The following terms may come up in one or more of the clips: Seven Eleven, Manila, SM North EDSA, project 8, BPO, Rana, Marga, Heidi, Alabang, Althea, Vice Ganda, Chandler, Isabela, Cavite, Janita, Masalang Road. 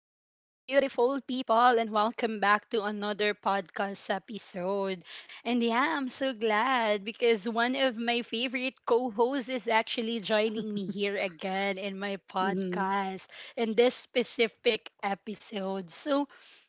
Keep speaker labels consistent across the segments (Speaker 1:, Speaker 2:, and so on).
Speaker 1: beautiful people, and welcome back to another podcast episode. And yeah, I'm so glad because one of my favorite co hosts is actually joining me here again in my
Speaker 2: Mm-hmm,
Speaker 1: podcast in this specific episode. So,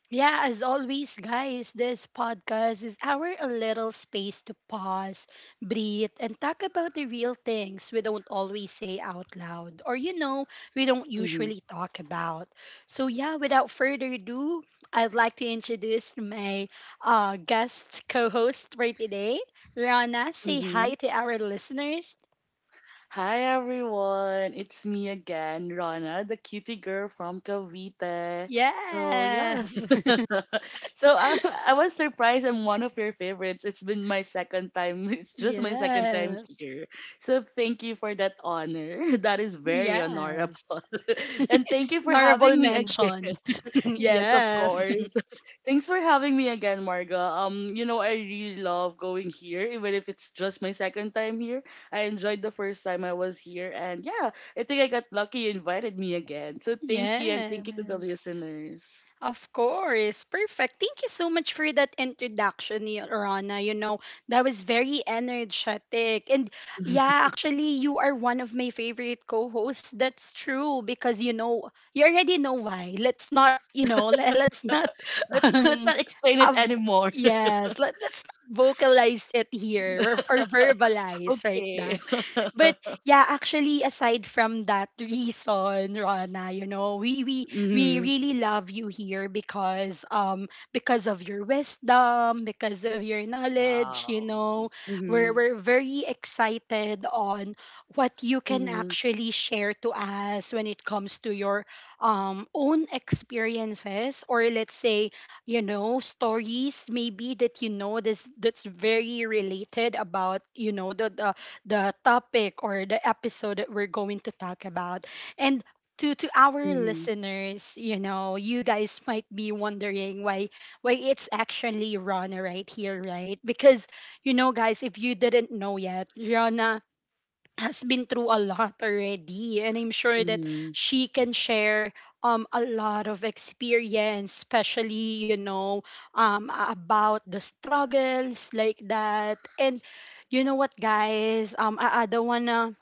Speaker 1: yeah, as always, guys, this podcast is our a little space to pause, breathe, and talk about the real things we don't always say out loud. Or, we don't
Speaker 2: mm-hmm,
Speaker 1: usually talk about. So, yeah, without further ado, I'd like to introduce my guest co host for today, Rana. Say hi
Speaker 2: mm-hmm.
Speaker 1: to our listeners.
Speaker 2: Hi everyone, it's me again, Rana, the cutie girl from Cavite. So yeah,
Speaker 1: Yes,
Speaker 2: so I was surprised I'm one of your favorites. It's been my second time. It's just my second time
Speaker 1: yes,
Speaker 2: here. So thank you for that honor. That is very
Speaker 1: yes.
Speaker 2: honorable, and thank you for
Speaker 1: Honorable
Speaker 2: having me again.
Speaker 1: mention.
Speaker 2: Yes, of
Speaker 1: yes,
Speaker 2: course. Thanks for having me again, Marga. I really love going here, even if it's just my second time here. I enjoyed the first time I was here, and yeah, I think I got lucky you invited me again. So thank you, and thank you to the
Speaker 1: yes.
Speaker 2: listeners.
Speaker 1: Of course. Perfect. Thank you so much for that introduction, Rana. You know, that was very energetic. And yeah, actually, you are one of my favorite co hosts. That's true because, you already know why. Let's not, let's not.
Speaker 2: Let's, let's
Speaker 1: Um,
Speaker 2: not explain it
Speaker 1: av-
Speaker 2: anymore.
Speaker 1: yes, let's not vocalize it here, or verbalize like
Speaker 2: Okay.
Speaker 1: that. But yeah, actually, aside from that reason, Rana, we
Speaker 2: Mm-hmm.
Speaker 1: really love you here, because of your wisdom, because of your knowledge.
Speaker 2: Wow.
Speaker 1: You know, we're
Speaker 2: Mm-hmm.
Speaker 1: we're very excited on what you can
Speaker 2: Mm-hmm.
Speaker 1: actually share to us when it comes to your own experiences, or let's say, stories maybe that, this, that's very related about, the topic or the episode that we're going to talk about. And to our
Speaker 2: Mm-hmm.
Speaker 1: listeners, you guys might be wondering why it's actually Rana right here, right? Because, guys, if you didn't know yet, Rana has been through a lot already, and I'm sure that
Speaker 2: Mm-hmm.
Speaker 1: she can share a lot of experience, especially, about the struggles like that. And you know what, guys? I don't wanna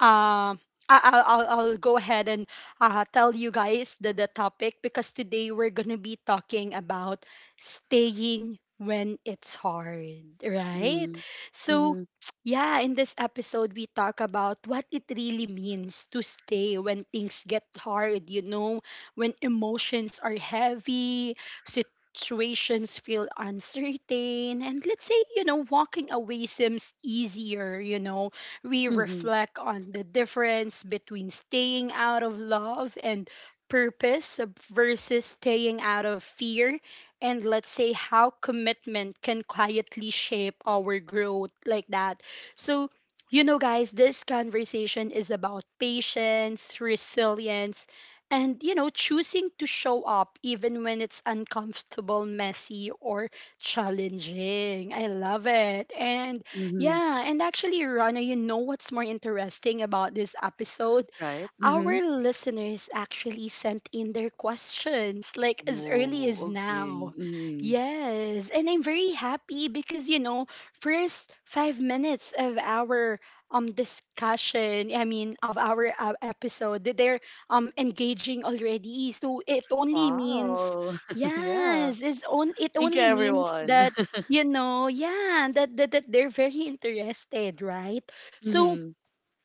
Speaker 1: uh, I'll go ahead and tell you guys the topic, because today we're going to be talking about staying when it's hard, right? So,
Speaker 2: Mm-hmm.
Speaker 1: yeah, in this episode, we talk about what it really means to stay when things get hard, when emotions are heavy, situations feel uncertain, and let's say, walking away seems easier. You know, we
Speaker 2: Mm-hmm.
Speaker 1: reflect on the difference between staying out of love and purpose versus staying out of fear, and let's say how commitment can quietly shape our growth, like that. So, guys, this conversation is about patience, resilience, and, choosing to show up even when it's uncomfortable, messy, or challenging. I love it. And
Speaker 2: Mm-hmm.
Speaker 1: yeah, and actually, Rana, you know what's more interesting about this episode?
Speaker 2: Right? Mm-hmm.
Speaker 1: Our listeners actually sent in their questions, like, as early
Speaker 2: Oh,
Speaker 1: as
Speaker 2: okay.
Speaker 1: now.
Speaker 2: Hmm.
Speaker 1: Yes, and I'm very happy because, first 5 minutes of our discussion, I mean, of our episode, that they're engaging already. So it only means,
Speaker 2: Wow. Yeah.
Speaker 1: yes, it
Speaker 2: Thank you,
Speaker 1: only means
Speaker 2: everyone.
Speaker 1: that, yeah, that they're very interested, right? So
Speaker 2: Hmm.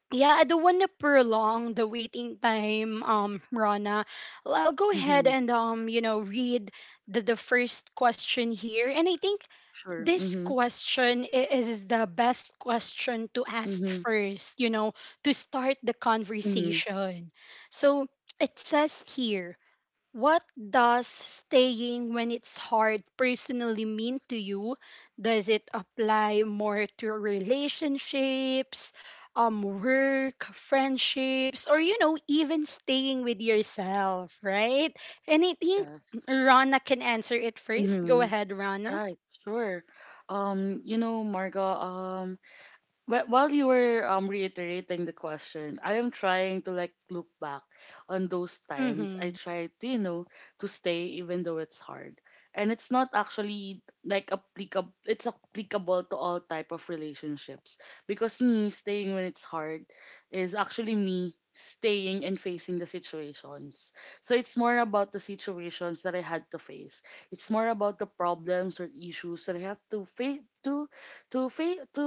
Speaker 1: yeah, I don't want to prolong the waiting time, Rana. I'll go ahead
Speaker 2: Hmm.
Speaker 1: and read the first question here. And I think
Speaker 2: Sure.
Speaker 1: this
Speaker 2: Hmm.
Speaker 1: question is the best question to ask
Speaker 2: Hmm.
Speaker 1: first, to start the
Speaker 2: Hmm.
Speaker 1: conversation. So it says here, what does staying when it's hard personally mean to you? Does it apply more to relationships, work, friendships, or, even staying with yourself, right? And I think
Speaker 2: Yes.
Speaker 1: Rana can answer it first. Go
Speaker 2: Hmm.
Speaker 1: ahead, Rana.
Speaker 2: Right. Sure. Marga, while you were reiterating the question, I am trying to like look back on those times I
Speaker 1: Mm-hmm.
Speaker 2: tried to stay even though it's hard. And it's not actually, like, applicable, it's applicable to all type of relationships because me staying when it's hard is actually me staying and facing the situations. So it's more about the situations that I had to face. It's more about the problems or issues that I have to face to to fa-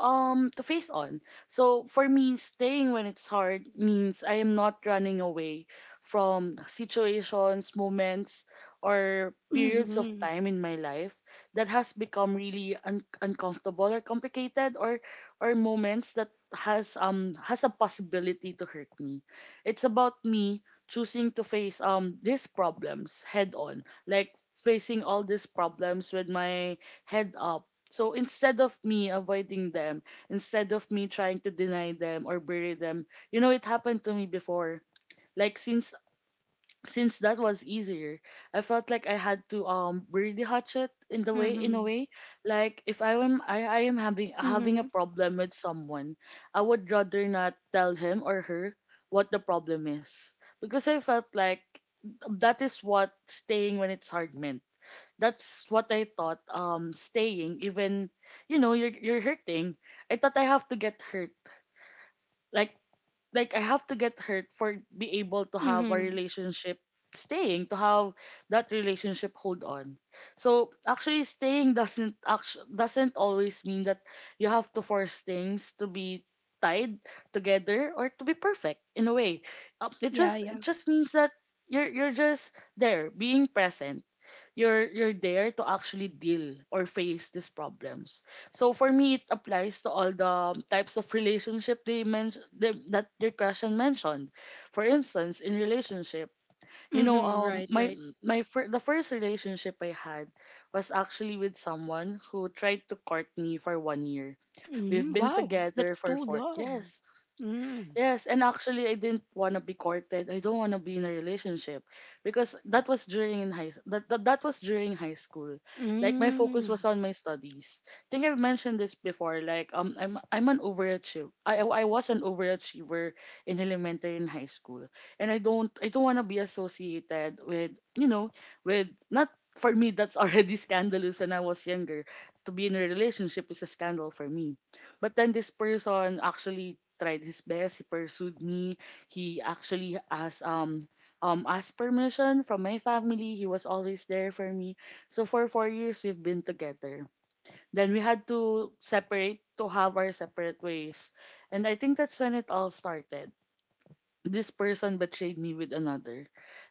Speaker 2: to face on. So for me, staying when it's hard means I am not running away from situations, moments, or periods of
Speaker 1: Mm-hmm.
Speaker 2: time in my life that has become really uncomfortable or complicated, or moments that has a possibility to hurt me. It's about me choosing to face these problems head on, like facing all these problems with my head up. So instead of me avoiding them, instead of me trying to deny them or bury them, it happened to me before. Like since that was easier, I felt like I had to bury the hatchet in the way in a
Speaker 1: Mm-hmm.
Speaker 2: way like if I am having a
Speaker 1: Mm-hmm.
Speaker 2: problem with someone, I would rather not tell him or her what the problem is because I felt like that is what staying when it's hard meant. That's what I thought staying, even you're hurting, I thought I have to get hurt, like like I have to get hurt for be able to have a
Speaker 1: Mm-hmm.
Speaker 2: relationship, staying to have that relationship hold on. So actually staying doesn't doesn't always mean that you have to force things to be tied together or to be perfect in a way. It
Speaker 1: Yeah,
Speaker 2: just it
Speaker 1: yeah.
Speaker 2: just means that you're just there being present, you're there to actually deal or face these problems. So for me, it applies to all the types of relationship they mentioned that your question mentioned. For instance, in relationship, you know,
Speaker 1: Mm-hmm.
Speaker 2: um,
Speaker 1: Right,
Speaker 2: my
Speaker 1: right.
Speaker 2: the first relationship I had was actually with someone who tried to court me for one year. We've
Speaker 1: Mm-hmm.
Speaker 2: been
Speaker 1: Wow,
Speaker 2: together
Speaker 1: that's
Speaker 2: for
Speaker 1: too
Speaker 2: four
Speaker 1: long.
Speaker 2: yes.
Speaker 1: Mm.
Speaker 2: Yes, and actually, I didn't want to be courted. I don't want to be in a relationship because that was during in high that, that that was during high school. Like my focus was
Speaker 1: Mm.
Speaker 2: on my studies. I think I've mentioned this before. Like I'm an overachiever. I was an overachiever in elementary and high school, and I don't want to be associated with you know with not, for me that's already scandalous when I was younger. To be in a relationship is a scandal for me. But then this person actually tried his best. He pursued me. He actually asked permission from my family. He was always there for me. So for 4 years we've been together. Then we had to separate to have our separate ways. And I think that's when it all started. This person betrayed me with another.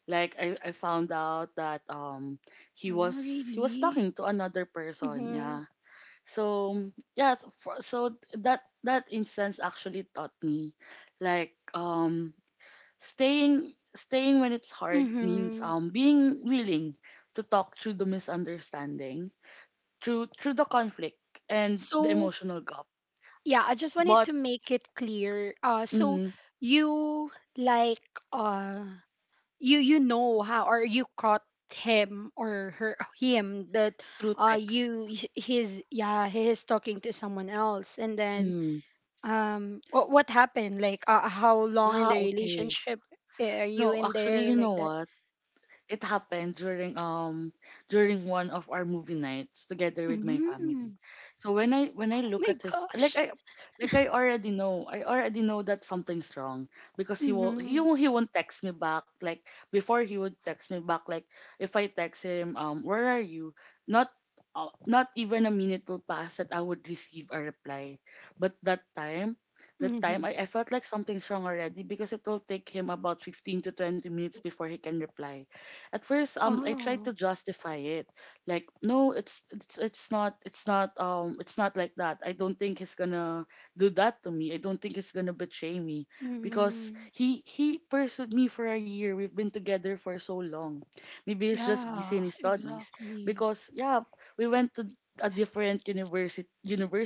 Speaker 2: Like I found out that he
Speaker 1: Oh,
Speaker 2: was he was
Speaker 1: really?
Speaker 2: talking to another person.
Speaker 1: Mm-hmm.
Speaker 2: Yeah. So yeah, so for, so that that instance actually taught me, like staying when it's hard means
Speaker 1: Mm-hmm.
Speaker 2: being willing to talk through the misunderstanding, through the conflict and the
Speaker 1: So,
Speaker 2: emotional gap,
Speaker 1: yeah, I just wanted
Speaker 2: but
Speaker 1: to make it clear. So
Speaker 2: mhm,
Speaker 1: you like uh you know how, or you caught him or her him that,
Speaker 2: through text.
Speaker 1: you h- he's yeah, he is talking to someone else. And then,
Speaker 2: Mm.
Speaker 1: what happened, like, how long in the
Speaker 2: Ah, okay.
Speaker 1: relationship, are you
Speaker 2: No,
Speaker 1: in
Speaker 2: actually,
Speaker 1: there,
Speaker 2: you
Speaker 1: like
Speaker 2: know
Speaker 1: that?
Speaker 2: what? It happened during one of our movie nights together with my family.
Speaker 1: Mm.
Speaker 2: So when I
Speaker 1: Oh
Speaker 2: look
Speaker 1: my
Speaker 2: at his, like
Speaker 1: gosh.
Speaker 2: I already know that something's wrong because he will
Speaker 1: Mm-hmm.
Speaker 2: he will he won't text me back, like before he would text me back, like if I text him where are you, not not even a minute will pass that I would receive a reply. But that time I,
Speaker 1: Mm-hmm.
Speaker 2: I felt like something's wrong already because it will take him about 15 to 20 minutes before he can reply. At first, I
Speaker 1: Oh.
Speaker 2: tried to justify it, like, no, it's not like that. I don't think he's gonna do that to me. I don't think he's gonna betray me because
Speaker 1: Mm-hmm.
Speaker 2: he pursued me for a year. We've been together for so long. Maybe he's just busy
Speaker 1: Yeah,
Speaker 2: in his studies
Speaker 1: exactly.
Speaker 2: because yeah, we went to a different university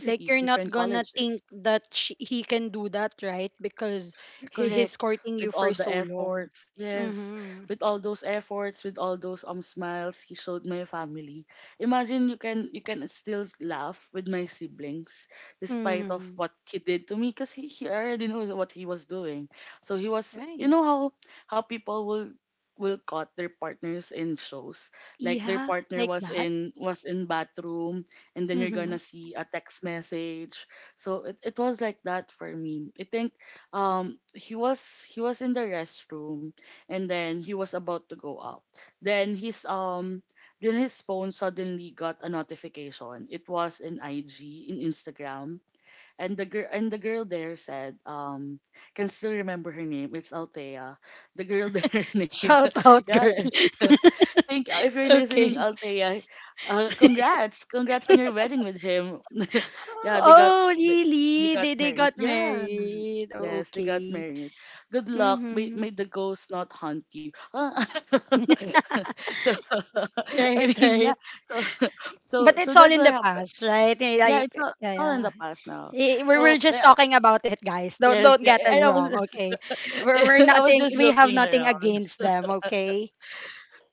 Speaker 1: Like, you're not
Speaker 2: different
Speaker 1: gonna think
Speaker 2: colleges.
Speaker 1: that, he can do that, right? Because he's
Speaker 2: Correct.
Speaker 1: courting you
Speaker 2: With
Speaker 1: for
Speaker 2: all the
Speaker 1: so long.
Speaker 2: efforts, yes.
Speaker 1: Mm-hmm.
Speaker 2: With all those efforts, with all those smiles he showed my family. Imagine you can still laugh with my siblings despite of
Speaker 1: Mm-hmm.
Speaker 2: what he did to me because he already knows what he was doing. So he was you
Speaker 1: Right.
Speaker 2: know how people will caught their partners in shows. Like their
Speaker 1: Yeah,
Speaker 2: partner
Speaker 1: like
Speaker 2: was
Speaker 1: that.
Speaker 2: in bathroom and then you're
Speaker 1: Mm-hmm.
Speaker 2: gonna see a text message. So it was like that for me. I think he was in the restroom and then he was about to go out. Then his phone suddenly got a notification. It was in IG, in Instagram, and the girl there said, can still remember her name, it's Althea. The girl there name.
Speaker 1: Shout out,
Speaker 2: Yeah.
Speaker 1: girl.
Speaker 2: Think, if you're listening,
Speaker 1: Okay.
Speaker 2: Althea, congrats on your wedding with him. Yeah, they got,
Speaker 1: Oh,
Speaker 2: they, they
Speaker 1: really?
Speaker 2: got
Speaker 1: They
Speaker 2: married.
Speaker 1: got
Speaker 2: Yeah.
Speaker 1: married. Oh,
Speaker 2: Yes, they got
Speaker 1: okay.
Speaker 2: married. Good luck. May,
Speaker 1: Mm-hmm.
Speaker 2: may the ghost not haunt you. Ah. So.
Speaker 1: Right,
Speaker 2: I mean, yeah.
Speaker 1: right.
Speaker 2: So, so,
Speaker 1: But it's
Speaker 2: so
Speaker 1: all
Speaker 2: that's
Speaker 1: in
Speaker 2: what
Speaker 1: the
Speaker 2: happened.
Speaker 1: past, right? Yeah.
Speaker 2: Yeah,
Speaker 1: Like,
Speaker 2: it's all,
Speaker 1: yeah,
Speaker 2: it's all in
Speaker 1: yeah.
Speaker 2: the past now.
Speaker 1: We're
Speaker 2: So,
Speaker 1: just
Speaker 2: yeah,
Speaker 1: talking about it, guys. Don't
Speaker 2: yes,
Speaker 1: don't
Speaker 2: yeah.
Speaker 1: get
Speaker 2: I
Speaker 1: us
Speaker 2: I was,
Speaker 1: wrong, okay? We're, we're
Speaker 2: I was
Speaker 1: nothing.
Speaker 2: just
Speaker 1: We have
Speaker 2: joking
Speaker 1: nothing
Speaker 2: around.
Speaker 1: against them, okay?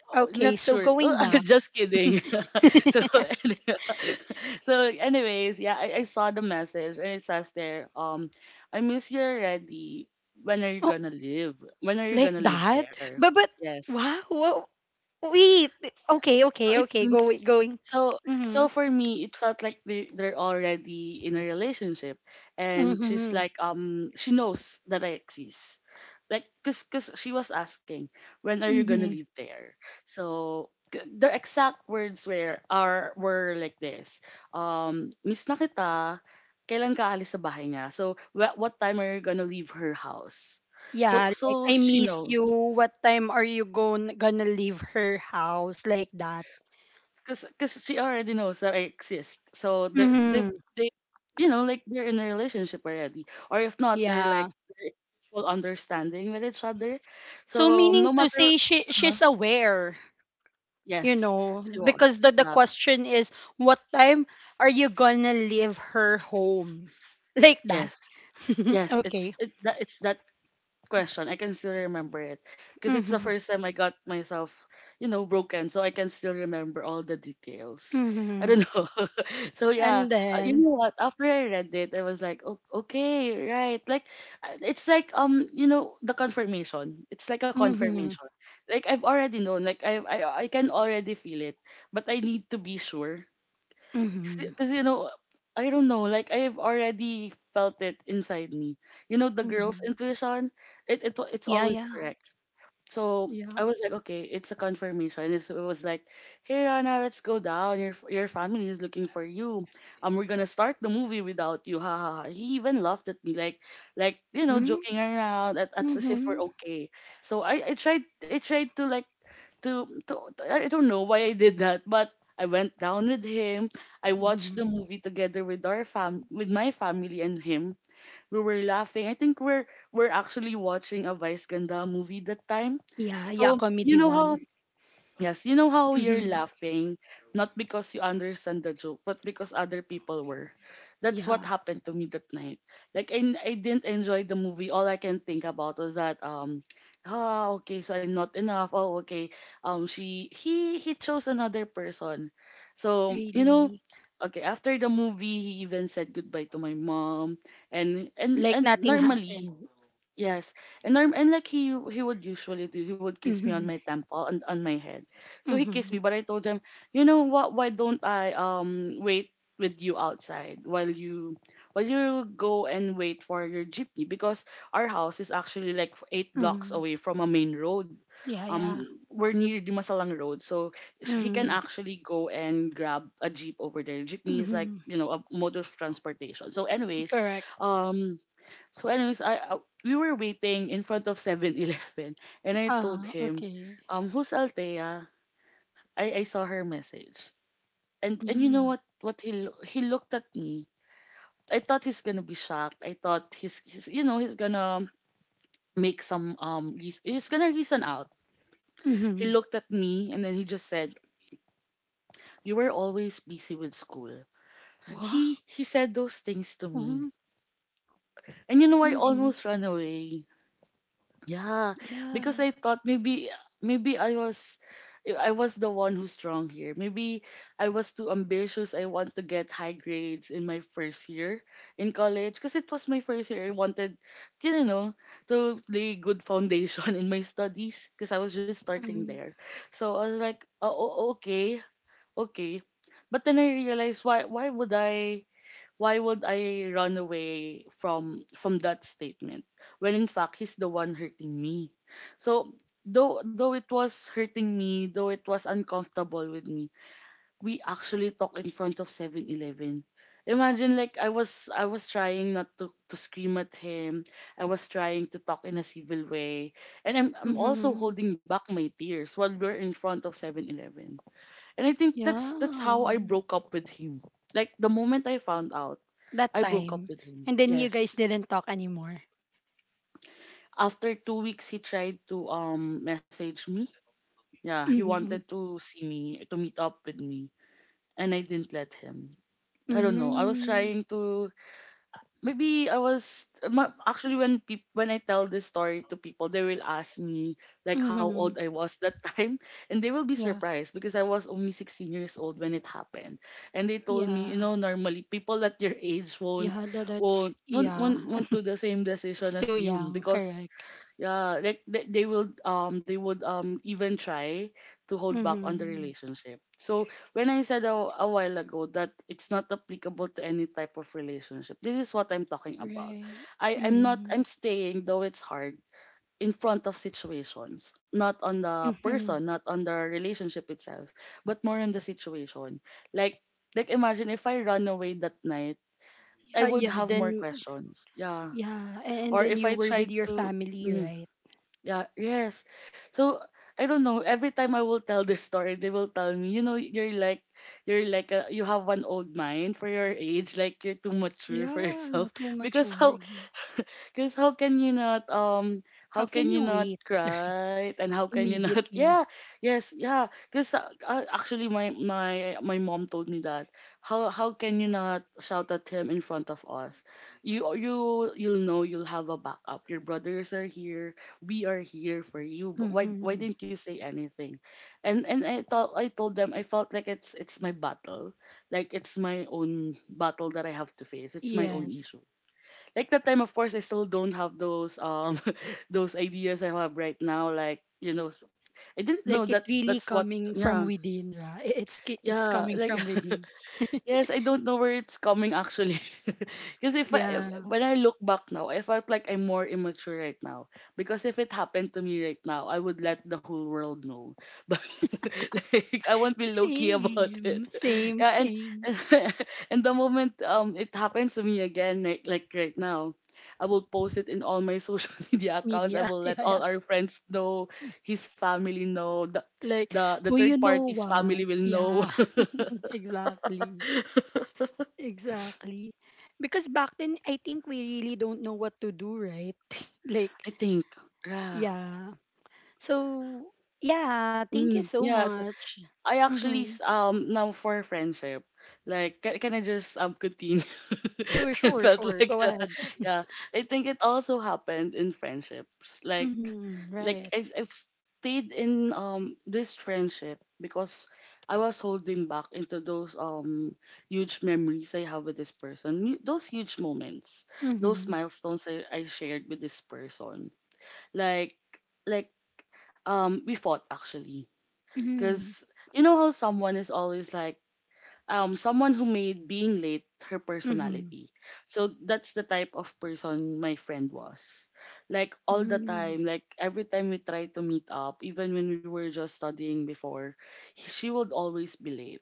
Speaker 2: Oh,
Speaker 1: Okay.
Speaker 2: not
Speaker 1: So
Speaker 2: sure. Oh,
Speaker 1: going back,
Speaker 2: just kidding. So, any- so anyways, yeah, I saw the message and it says there, I miss you already. When are you
Speaker 1: oh,
Speaker 2: gonna live? When are you
Speaker 1: like
Speaker 2: gonna live
Speaker 1: that.
Speaker 2: there?
Speaker 1: But
Speaker 2: Yes.
Speaker 1: wow. Whoa, wait.
Speaker 2: Yeah.
Speaker 1: Okay.
Speaker 2: So
Speaker 1: Okay.
Speaker 2: it
Speaker 1: Okay. Go
Speaker 2: means,
Speaker 1: going.
Speaker 2: so so
Speaker 1: Mhm.
Speaker 2: for me, it felt like they're already in a relationship, and she's
Speaker 1: Mhm.
Speaker 2: like she knows that I exist, like cause she was asking, when are you gonna
Speaker 1: Mhm.
Speaker 2: leave there. So the exact words were like this. Miss na kita. Kailan ka alis sa bahay niya? So what time are you gonna leave her house? So
Speaker 1: Yeah. Like,
Speaker 2: so
Speaker 1: I
Speaker 2: she
Speaker 1: miss you.
Speaker 2: knows.
Speaker 1: What time are you going gonna leave her house, like that?
Speaker 2: Cause she already knows that I exist. So they're they've
Speaker 1: Mhm.
Speaker 2: they you know like they're in a relationship already, or if not, they're like
Speaker 1: Yeah.
Speaker 2: they're in mutual understanding with each other.
Speaker 1: So,
Speaker 2: So no
Speaker 1: meaning to
Speaker 2: matter,
Speaker 1: say, she
Speaker 2: uh
Speaker 1: she's aware,
Speaker 2: yes, she was.
Speaker 1: because the
Speaker 2: Yeah,
Speaker 1: question is, what time are you gonna leave her home? Like that.
Speaker 2: yes, yes. It's
Speaker 1: Okay.
Speaker 2: it that it's that question. I can still remember it because it's the
Speaker 1: Mhm.
Speaker 2: first time I got myself, broken. So I can still remember all the details. I
Speaker 1: Mhm.
Speaker 2: don't know. So yeah,
Speaker 1: And
Speaker 2: you
Speaker 1: then,
Speaker 2: know what? After I read it, I was like, oh, okay, right. Like, it's like the confirmation. It's like a
Speaker 1: mhm.
Speaker 2: confirmation. Like I've already known. Like I can already feel it, but I need to be sure.
Speaker 1: Mhm.
Speaker 2: Because, I don't know, like I've already felt it inside me. You know, the girl's
Speaker 1: Mhm.
Speaker 2: intuition, it's
Speaker 1: Yeah,
Speaker 2: always
Speaker 1: yeah.
Speaker 2: correct. So I
Speaker 1: Yeah.
Speaker 2: was like, okay, it's a confirmation. It was like, hey Rana, let's go down. Your your family is looking for you. We're gonna start the movie without you. Ha ha. Ha." He even laughed at me, like
Speaker 1: Hmm?
Speaker 2: joking around at as if we're
Speaker 1: Mhm.
Speaker 2: okay. So I tried to like to- I don't know why I did that, but I went down with him. I watched
Speaker 1: Mhm.
Speaker 2: the movie together with our fam with my family and him. We were laughing. I think we're actually watching a Vice Ganda movie that time.
Speaker 1: Yeah, yeah,
Speaker 2: So you
Speaker 1: comedy
Speaker 2: know
Speaker 1: one.
Speaker 2: how Yes, you know how you're
Speaker 1: Mhm.
Speaker 2: laughing, not because you understand the joke, but because other people were. That's what
Speaker 1: Yeah,
Speaker 2: happened to me that night. Like, I didn't enjoy the movie. All I can think about was that okay, so I'm not enough. Oh, okay. She he chose another person. So,
Speaker 1: really.
Speaker 2: okay, after the movie he even said goodbye to my mom, and and
Speaker 1: Like
Speaker 2: and
Speaker 1: nothing
Speaker 2: normally,
Speaker 1: happened.
Speaker 2: yes, and norm and like he would usually do. He would kiss me on
Speaker 1: Mhm.
Speaker 2: my temple and on my head. So he kissed
Speaker 1: Mhm.
Speaker 2: me, but I told him, "You know what? Why don't I wait with you outside while you go and wait for your jeepney, because our house is actually like 8 blocks
Speaker 1: Mhm.
Speaker 2: away from a main road."
Speaker 1: Yeah, yeah.
Speaker 2: We're near the Masalang Road, so he can
Speaker 1: Mm-hmm.
Speaker 2: actually go and grab a jeep over there. Jeepney is, like,
Speaker 1: Mm-hmm.
Speaker 2: a mode of transportation. So, anyways,
Speaker 1: Correct.
Speaker 2: um I we were waiting in front of 7-Eleven, and I told
Speaker 1: Ah,
Speaker 2: him,
Speaker 1: okay.
Speaker 2: "Who's Althea? I saw her message." And you know
Speaker 1: Mm.
Speaker 2: what? He looked at me. I thought he's gonna be shocked. I thought he's he's gonna make some reas- he's gonna reason out. He
Speaker 1: Mhm.
Speaker 2: looked at me, and then he just said, "You were always busy with school."
Speaker 1: What?
Speaker 2: He said those things to me,
Speaker 1: Mhm.
Speaker 2: and I
Speaker 1: Really?
Speaker 2: almost ran away. Yeah, because
Speaker 1: Yeah.
Speaker 2: I thought maybe I was the one who's wrong here. Maybe I was too ambitious. I want to get high grades in my first year in college because it was my first year. I wanted, you know, to lay good foundation in my studies because I was just starting
Speaker 1: Mhm.
Speaker 2: there. So I was like, "Oh, oh, okay, okay." But then I realized, why would I run away from that statement when in fact he's the one hurting me? So, though it was hurting me, though it was uncomfortable with me, we actually talked in front of 7-Eleven. Imagine, like, I was trying not to scream at him. I was trying to talk in a civil way. And I'm also
Speaker 1: Mhm.
Speaker 2: holding back my tears while we're in front of 7-Eleven. And I think that's how
Speaker 1: Yeah.
Speaker 2: I broke up with him. Like, the moment I found out,
Speaker 1: That
Speaker 2: I broke
Speaker 1: time.
Speaker 2: up with him.
Speaker 1: And then you guys
Speaker 2: Yes.
Speaker 1: didn't talk anymore.
Speaker 2: After 2 weeks, he tried to message me. Yeah, he
Speaker 1: Mhm.
Speaker 2: wanted to see me, to meet up with me, and I didn't let him. I don't know. I was
Speaker 1: Mhm.
Speaker 2: trying to. Maybe I was ma- Actually, when I tell this story to people, they will ask me, like, how old
Speaker 1: Mhm.
Speaker 2: I was that time, and they will be
Speaker 1: Yeah.
Speaker 2: surprised because I was only 16 years old when it happened, and they told me,
Speaker 1: Yeah.
Speaker 2: normally people at your age won't
Speaker 1: Yeah, that's yeah.
Speaker 2: do the same
Speaker 1: It's
Speaker 2: decision
Speaker 1: too
Speaker 2: as you
Speaker 1: young,
Speaker 2: because,
Speaker 1: correct.
Speaker 2: yeah, like they would even try to hold back on the
Speaker 1: Mhm.
Speaker 2: relationship. So, when I said a while ago that it's not applicable to any type of relationship, this is what I'm talking about.
Speaker 1: Right.
Speaker 2: i i'm not
Speaker 1: Mhm.
Speaker 2: i'm staying, though it's hard, in front of situations, not on the
Speaker 1: Mhm.
Speaker 2: person, not on the relationship itself, but more on the situation. Like, imagine if I run away that night, I
Speaker 1: Yeah,
Speaker 2: would
Speaker 1: yeah,
Speaker 2: have more
Speaker 1: then
Speaker 2: questions. Yeah.
Speaker 1: yeah, and
Speaker 2: Or
Speaker 1: then
Speaker 2: if
Speaker 1: you
Speaker 2: I
Speaker 1: were with
Speaker 2: tried
Speaker 1: your
Speaker 2: to.
Speaker 1: family,
Speaker 2: Mm,
Speaker 1: right?
Speaker 2: yeah, yes. So I don't know. Every time I will tell this story, they will tell me, you have one old mind for your age. Like, you're too mature for
Speaker 1: Yeah,
Speaker 2: yourself.
Speaker 1: not too much
Speaker 2: Because how,
Speaker 1: worries.
Speaker 2: because how
Speaker 1: How can
Speaker 2: can you
Speaker 1: you
Speaker 2: not
Speaker 1: wait, right?
Speaker 2: cry, and how can you not?
Speaker 1: Immediately.
Speaker 2: Yeah, yes, yeah. Because actually, my mom told me that. How can you not shout at him in front of us? You you'll know you'll have a backup. Your brothers are here, we are here for you. But why
Speaker 1: Hmm.
Speaker 2: didn't you say anything? And I told them, I felt like it's my battle. Like, it's my own battle that I have to face, it's my own
Speaker 1: Yes.
Speaker 2: issue. Like, that time, of course, I still don't have those those ideas I have right now, like, I didn't know
Speaker 1: Like, it
Speaker 2: that
Speaker 1: really
Speaker 2: that's what.
Speaker 1: coming from
Speaker 2: Yeah,
Speaker 1: within, right? It's
Speaker 2: yeah,
Speaker 1: coming
Speaker 2: like.
Speaker 1: from within.
Speaker 2: Yes, I don't know where it's coming, actually. Because if I
Speaker 1: Yeah.
Speaker 2: when I look back now, I felt like I'm more immature right now. Because if it happened to me right now, I would let the whole world know. But, like, I won't be low key about
Speaker 1: Same,
Speaker 2: it.
Speaker 1: same,
Speaker 2: Yeah,
Speaker 1: same.
Speaker 2: and, and the moment it happens to me again, like, right now, I will post it in all my social media accounts. I
Speaker 1: Media.
Speaker 2: will let
Speaker 1: Yeah,
Speaker 2: all
Speaker 1: yeah.
Speaker 2: our friends know, his family know, the
Speaker 1: Like,
Speaker 2: the, the
Speaker 1: well,
Speaker 2: third
Speaker 1: you know
Speaker 2: party's family
Speaker 1: what?
Speaker 2: will know.
Speaker 1: Yeah, exactly. Exactly. Because back then, I think we really don't know what to do, right? Like,
Speaker 2: I think. Yeah.
Speaker 1: yeah. So, yeah, thank you
Speaker 2: Mm,
Speaker 1: so
Speaker 2: yeah. So,
Speaker 1: much.
Speaker 2: I actually
Speaker 1: Mm-hmm.
Speaker 2: now, for friendship, like, can I just continue?
Speaker 1: Sure,
Speaker 2: It
Speaker 1: sure,
Speaker 2: felt
Speaker 1: sure.
Speaker 2: like,
Speaker 1: Go ahead.
Speaker 2: yeah. I think it also happened in friendships. Like
Speaker 1: Mm-hmm.
Speaker 2: like
Speaker 1: Right.
Speaker 2: I've stayed in this friendship because I was holding back into those huge memories I have with this person, those huge moments, those
Speaker 1: Mm-hmm.
Speaker 2: milestones I shared with this person. Like like um, we fought, actually,
Speaker 1: Mm-hmm.
Speaker 2: because you know how someone is always like, someone who made being late her
Speaker 1: Mm-hmm.
Speaker 2: personality. So that's the type of person my friend was. Like, all the
Speaker 1: Mm-hmm.
Speaker 2: time, like, every time we tried to meet up, even when we were just studying before, she would always be late.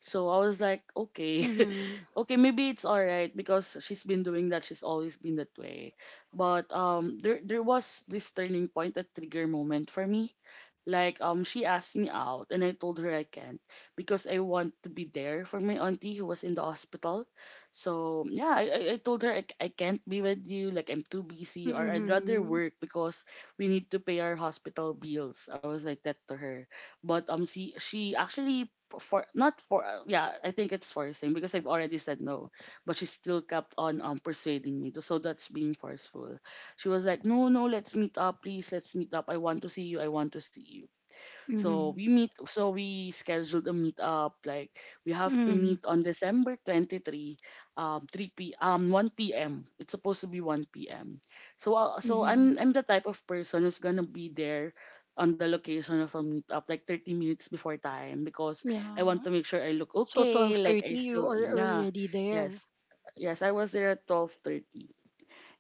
Speaker 2: So I was like, "Okay,
Speaker 1: Mm-hmm.
Speaker 2: okay, maybe it's all right because she's been doing that. She's always been that way." But there was this turning point, that trigger moment for me. Like, she asked me out, and I told her I can't because I want to be there for my auntie who was in the hospital. So, yeah, I told her, "I can't be with you. Like, I'm too busy, or I'd rather
Speaker 1: Mm-hmm.
Speaker 2: work because we need to pay our hospital bills." I was like that to her. But she actually, for not for yeah, I think it's forcing because I've already said no. But she still kept on persuading me to. So that's being forceful. She was like, "No, no, let's meet up, please, let's meet up, I want to see you, I want to see you." So,
Speaker 1: Mm-hmm.
Speaker 2: we scheduled a meetup, like, we have to
Speaker 1: Mm-hmm.
Speaker 2: meet on December 23, 3 p 1 p.m. It's supposed to be 1 p.m. So
Speaker 1: Mm-hmm.
Speaker 2: I'm the type of person who's going to be there on the location of a meetup, like, 30 minutes before time, because I want
Speaker 1: Yeah.
Speaker 2: to make sure I look
Speaker 1: So,
Speaker 2: okay, like,
Speaker 1: 12:30,
Speaker 2: I
Speaker 1: you
Speaker 2: still
Speaker 1: are
Speaker 2: yeah,
Speaker 1: already there.
Speaker 2: yes, yes, I was there at 12:30.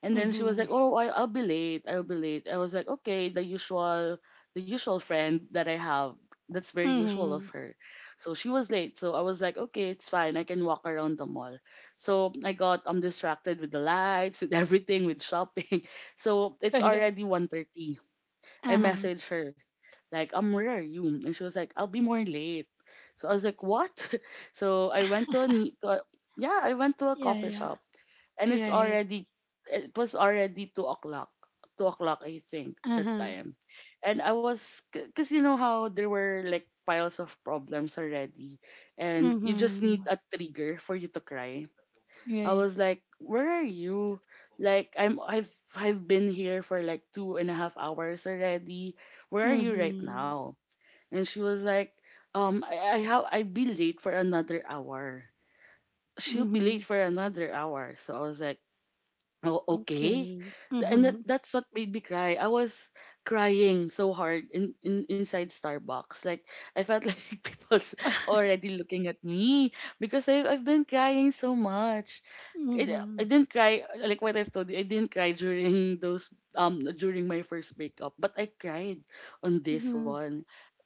Speaker 2: And then she was
Speaker 1: Mm-hmm.
Speaker 2: like, "Oh, I'll be late. I'll be late." I was like, "Okay, the usual friend that I have. That's very usual of
Speaker 1: Mm-hmm.
Speaker 2: her." So she was late. So I was like, "Okay, it's fine. I can walk around the mall." So I got distracted with the lights, with everything, with shopping. So it's already 1:30. I
Speaker 1: Uh-huh.
Speaker 2: messaged her, like, where are you?" And she was like, "I'll be more late." So I was like, "What?" So I went to a, ne- to a yeah, I went to a
Speaker 1: Yeah,
Speaker 2: coffee
Speaker 1: yeah.
Speaker 2: shop, and
Speaker 1: Right.
Speaker 2: it was already 2 o'clock, I think, that
Speaker 1: Uh-huh.
Speaker 2: time. And I was, because you know how there were like piles of problems already, and you just
Speaker 1: Mm-hmm.
Speaker 2: need a trigger for you to cry. I
Speaker 1: Right.
Speaker 2: was like, "Where are you? Like, I've been here for like 2.5 hours already. Where are you right
Speaker 1: Mm-hmm.
Speaker 2: now?" And she was like, "I'd be late for another hour." She'll be
Speaker 1: Mm-hmm.
Speaker 2: late for another hour. So I was like, "Oh, okay."
Speaker 1: Okay.
Speaker 2: And that,
Speaker 1: Mm-hmm.
Speaker 2: that's what made me cry. I was crying so hard in inside Starbucks. Like, I felt like people's already looking at me because I've been crying so much. I
Speaker 1: Mm-hmm.
Speaker 2: didn't cry like what I've told you. I didn't cry during those during my first breakup, but I cried on this
Speaker 1: Mm-hmm.
Speaker 2: one.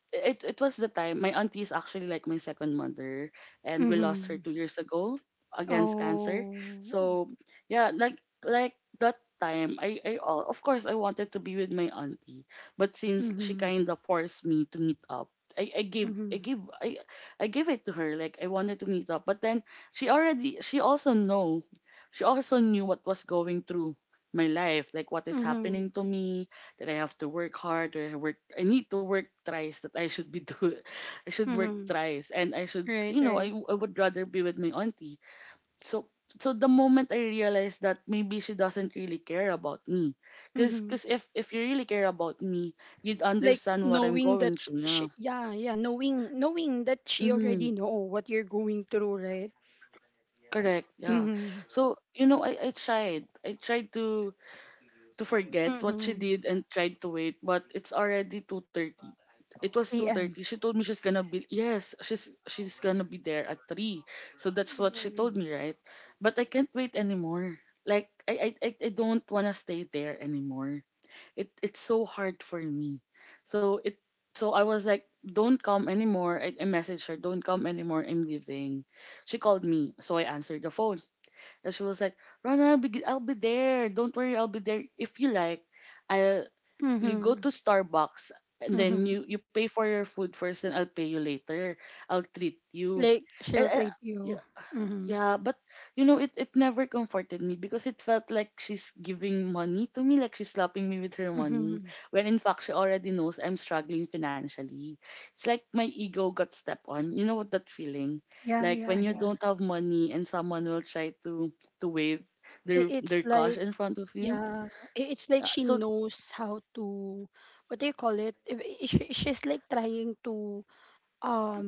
Speaker 2: It was the time my auntie is actually like my second mother, and we lost her
Speaker 1: Mm-hmm.
Speaker 2: 2 years ago against cancer.
Speaker 1: Oh.
Speaker 2: So yeah, like that time I all of course I wanted to be with my auntie, but since she
Speaker 1: Mm-hmm.
Speaker 2: kind of forced me to meet up, I, I gave
Speaker 1: Mm-hmm.
Speaker 2: I give I I gave it to her, like I wanted to meet up. But then she also know she also knew what was going through my life, like what is
Speaker 1: Mm-hmm.
Speaker 2: happening to me, that I have to work hard, that I need to work thrice, that I should be do I should work
Speaker 1: Mm-hmm.
Speaker 2: thrice, and I should,
Speaker 1: Right, right.
Speaker 2: I would rather be with my auntie. So so the moment I realized that maybe she doesn't really care about me. Cause,
Speaker 1: Mm-hmm.
Speaker 2: cause if you really care about me, you'd
Speaker 1: Like,
Speaker 2: understand what I'm
Speaker 1: knowing
Speaker 2: going
Speaker 1: that,
Speaker 2: through, yeah.
Speaker 1: she, yeah, yeah, knowing that she
Speaker 2: Mm-hmm.
Speaker 1: already know what you're going through, right?
Speaker 2: Correct, yeah.
Speaker 1: Mm-hmm.
Speaker 2: So, I tried. I tried to forget what she
Speaker 1: Mm-hmm.
Speaker 2: did and tried to wait, but it's already 2:30. It was 2:30.
Speaker 1: PM.
Speaker 2: She told me she's gonna be, yes, she's gonna be there at 3. So that's what she told me, right? But I can't wait anymore. Like I don't wanna stay there anymore. It's so hard for me. So it so I was like, don't come anymore. I messaged her, don't come anymore. I'm leaving. She called me, so I answered the phone. And she was like, Ron, I'll be there. Don't worry, I'll be there. If you like, I
Speaker 1: Mm-hmm.
Speaker 2: you go to
Speaker 1: Mm-hmm.
Speaker 2: Starbucks, and then
Speaker 1: Mm-hmm.
Speaker 2: you pay for your food first, and I'll pay you later. I'll treat you.
Speaker 1: Like,
Speaker 2: And,
Speaker 1: she'll treat you. Mm-hmm.
Speaker 2: yeah, but it, it never comforted me, because it felt like she's giving money to me, like she's slapping me with her money,
Speaker 1: Mm-hmm.
Speaker 2: when in fact she already knows I'm struggling financially. It's like my ego got stepped on. You know what that feeling?
Speaker 1: Yeah,
Speaker 2: Like
Speaker 1: yeah,
Speaker 2: when you
Speaker 1: yeah.
Speaker 2: don't have money and someone will try to wave
Speaker 1: It,
Speaker 2: their
Speaker 1: it's
Speaker 2: their cash
Speaker 1: like,
Speaker 2: in front of you.
Speaker 1: yeah, it's like
Speaker 2: Uh,
Speaker 1: she
Speaker 2: so
Speaker 1: knows how to, what do you call it? She's like trying to, um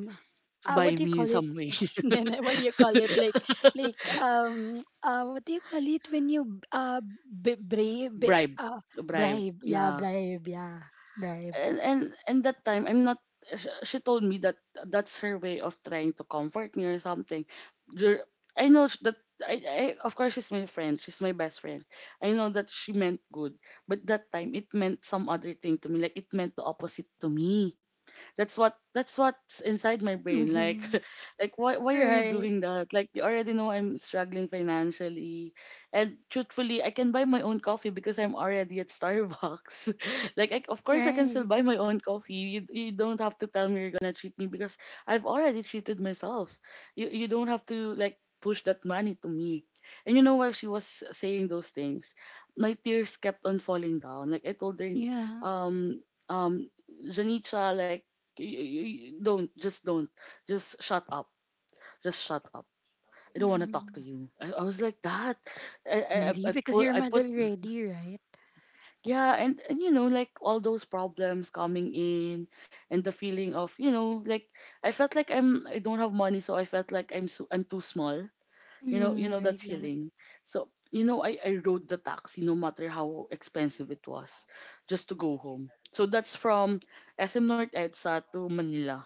Speaker 2: to
Speaker 1: what
Speaker 2: buy
Speaker 1: do you
Speaker 2: me in
Speaker 1: call it?
Speaker 2: some way.
Speaker 1: Then, what do you call it, like, what do you call it when you b- brave b-
Speaker 2: Bribe.
Speaker 1: uh
Speaker 2: Bribe.
Speaker 1: bribe? Yeah,
Speaker 2: Yeah.
Speaker 1: bribe, yeah, bribe.
Speaker 2: and and and that time I'm not— she told me that that's her way of trying to comfort me or something. Dur- I know sh- that I of course she's my friend, she's my best friend. I know that she meant good, but that time it meant some other thing to me, like it meant the opposite to me. That's what's inside my brain. Like
Speaker 1: Hmm.
Speaker 2: like why are you
Speaker 1: Right,
Speaker 2: doing that? Like you already know I'm struggling financially. And truthfully, I can buy my own coffee because I'm already at Starbucks. Like I, of course I can still
Speaker 1: right.
Speaker 2: buy my own coffee. You don't have to tell me you're gonna treat me, because I've already treated myself. You don't have to like push that money to me. And you know, while she was saying those things, my tears kept on falling down. Like I told her,
Speaker 1: Yeah.
Speaker 2: um, um, Janita, like you don't just shut up. Just shut up. I don't want to
Speaker 1: Mm.
Speaker 2: talk to you. I was like that. I, I I I
Speaker 1: Really. Because
Speaker 2: put
Speaker 1: you're
Speaker 2: I
Speaker 1: mad
Speaker 2: put
Speaker 1: already, right?
Speaker 2: yeah, and you know, like all those problems coming in, and the feeling of, you know, like I felt like I don't have money, so I felt like I'm too small. You
Speaker 1: Mm.
Speaker 2: know that
Speaker 1: Right. That.
Speaker 2: feeling. So you know, I rode the taxi no matter how expensive it was, just to go home. So that's from SM North EDSA to Manila.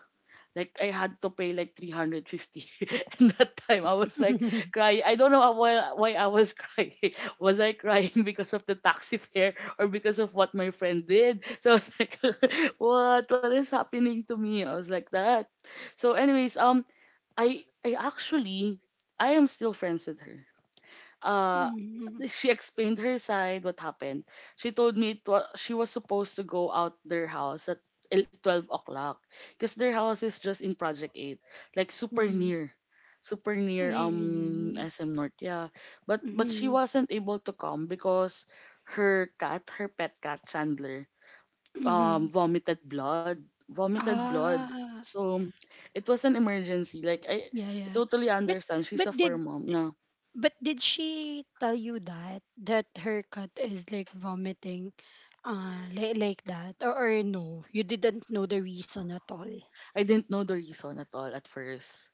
Speaker 2: Like I had to pay like 350 and that time I was like crying. I don't know why I was crying. Was I crying because of the taxi fare or because of what my friend did? So I was like, what is happening to me? I was like that. So anyways, I actually I am still friends with her. uh
Speaker 1: Mm-hmm.
Speaker 2: she explained her side what happened. She told me she was supposed to go out their house at 12 o'clock, because their house is just in project 8, like super near, super near,
Speaker 1: Really.
Speaker 2: SM North, yeah. But she
Speaker 1: Mm.
Speaker 2: wasn't able to come because her pet cat Chandler,
Speaker 1: Mm.
Speaker 2: vomited blood, vomited blood
Speaker 1: Ah,
Speaker 2: so it was an emergency.
Speaker 1: yeah,
Speaker 2: I
Speaker 1: yeah.
Speaker 2: totally
Speaker 1: but
Speaker 2: understand, she's a
Speaker 1: but
Speaker 2: fur
Speaker 1: did
Speaker 2: mom, yeah.
Speaker 1: But did she tell you that her cat is like vomiting, like that, or, no? You didn't know the reason at all.
Speaker 2: I didn't know the reason at all at first.